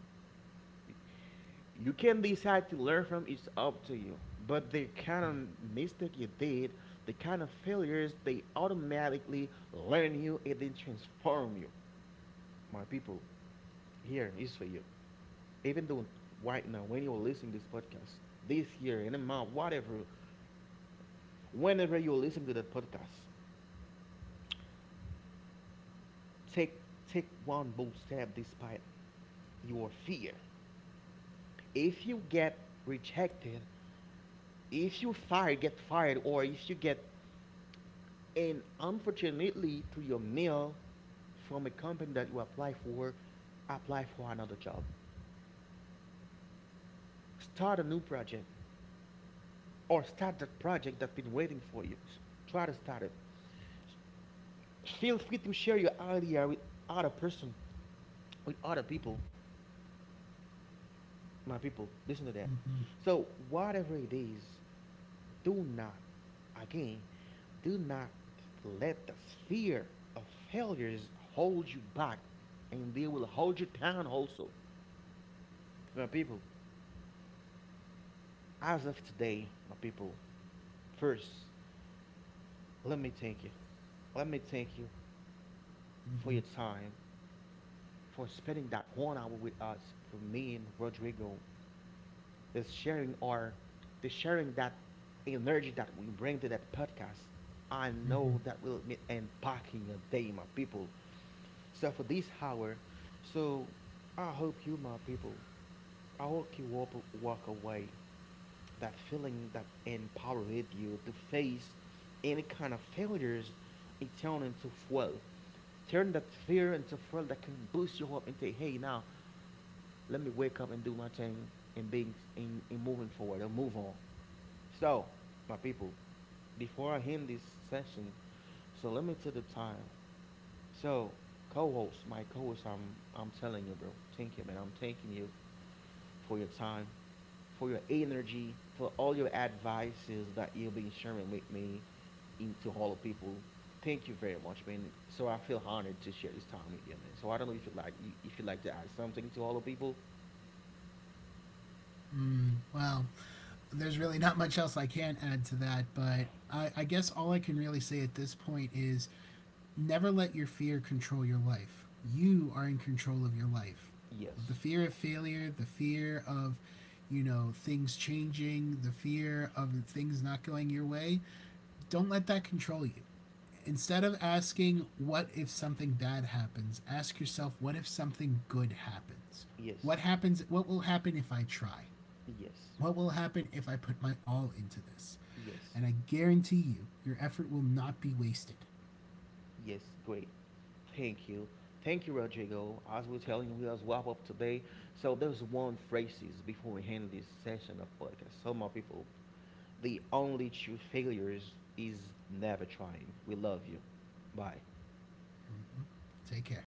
S1: You can decide to learn from it's up to you. But the kind of mistake you did, the kind of failures, they automatically learn you and then transform you. My people, here is for you. Even though right now, when you're listening to this podcast, this year, in a month, whatever, whenever you're listening to that podcast, take take one bold step despite your fear. If you get rejected, if you fire get fired, or if you get and unfortunately, through your mail from a company that you apply for, apply for another job. Start a new project or start that project that's been waiting for you. Try to start it. Feel free to share your idea with other person, with other people. My people, listen to that. So, whatever it is, do not, again, do not let the fear of failures hold you back, and they will hold you down also. My people, as of today, my people, first, let me thank you. Let me thank you for your time, for spending that 1 hour with us, for me and Rodrigo. This sharing or the sharing that energy that we bring to that podcast, I know that will be impacting your day, my people. So for this hour, so I hope you, my people, I hope you walk away that feeling that empowered you to face any kind of failures. It turn into fuel, turn that fear into fuel that can boost you up and say, hey, now let me wake up and do my thing and being in moving forward and move on. So, my people, before I end this session, so let me to the time. So, co-host, my co-host, I'm telling you, bro. Thank you, man. I'm thanking you for your time, for your energy, for all your advices that you've been sharing with me into all the people. Thank you very much, man. So I feel honored to share this time with you, man. So I don't know if you like if you'd like to add something to all the people.
S2: Well, there's really not much else I can add to that, but I guess all I can really say at this point is, never let your fear control your life. You are in control of your life. The
S1: Yes.
S2: fear of failure, the fear of things changing, the fear of things not going your way, don't let that control you. Instead of asking, what if something bad happens, ask yourself, what if something good happens?
S1: Yes.
S2: What happens? What will happen if I try?
S1: Yes.
S2: What will happen if I put my all into this?
S1: Yes.
S2: And I guarantee you, your effort will not be wasted.
S1: Yes. Great. Thank you. Thank you, Rodrigo. As we're telling you, we as wrap up today. So there's one phrases before we end this session of podcast. So my people, the only true failures is never trying. We love you. Bye.
S2: Take care.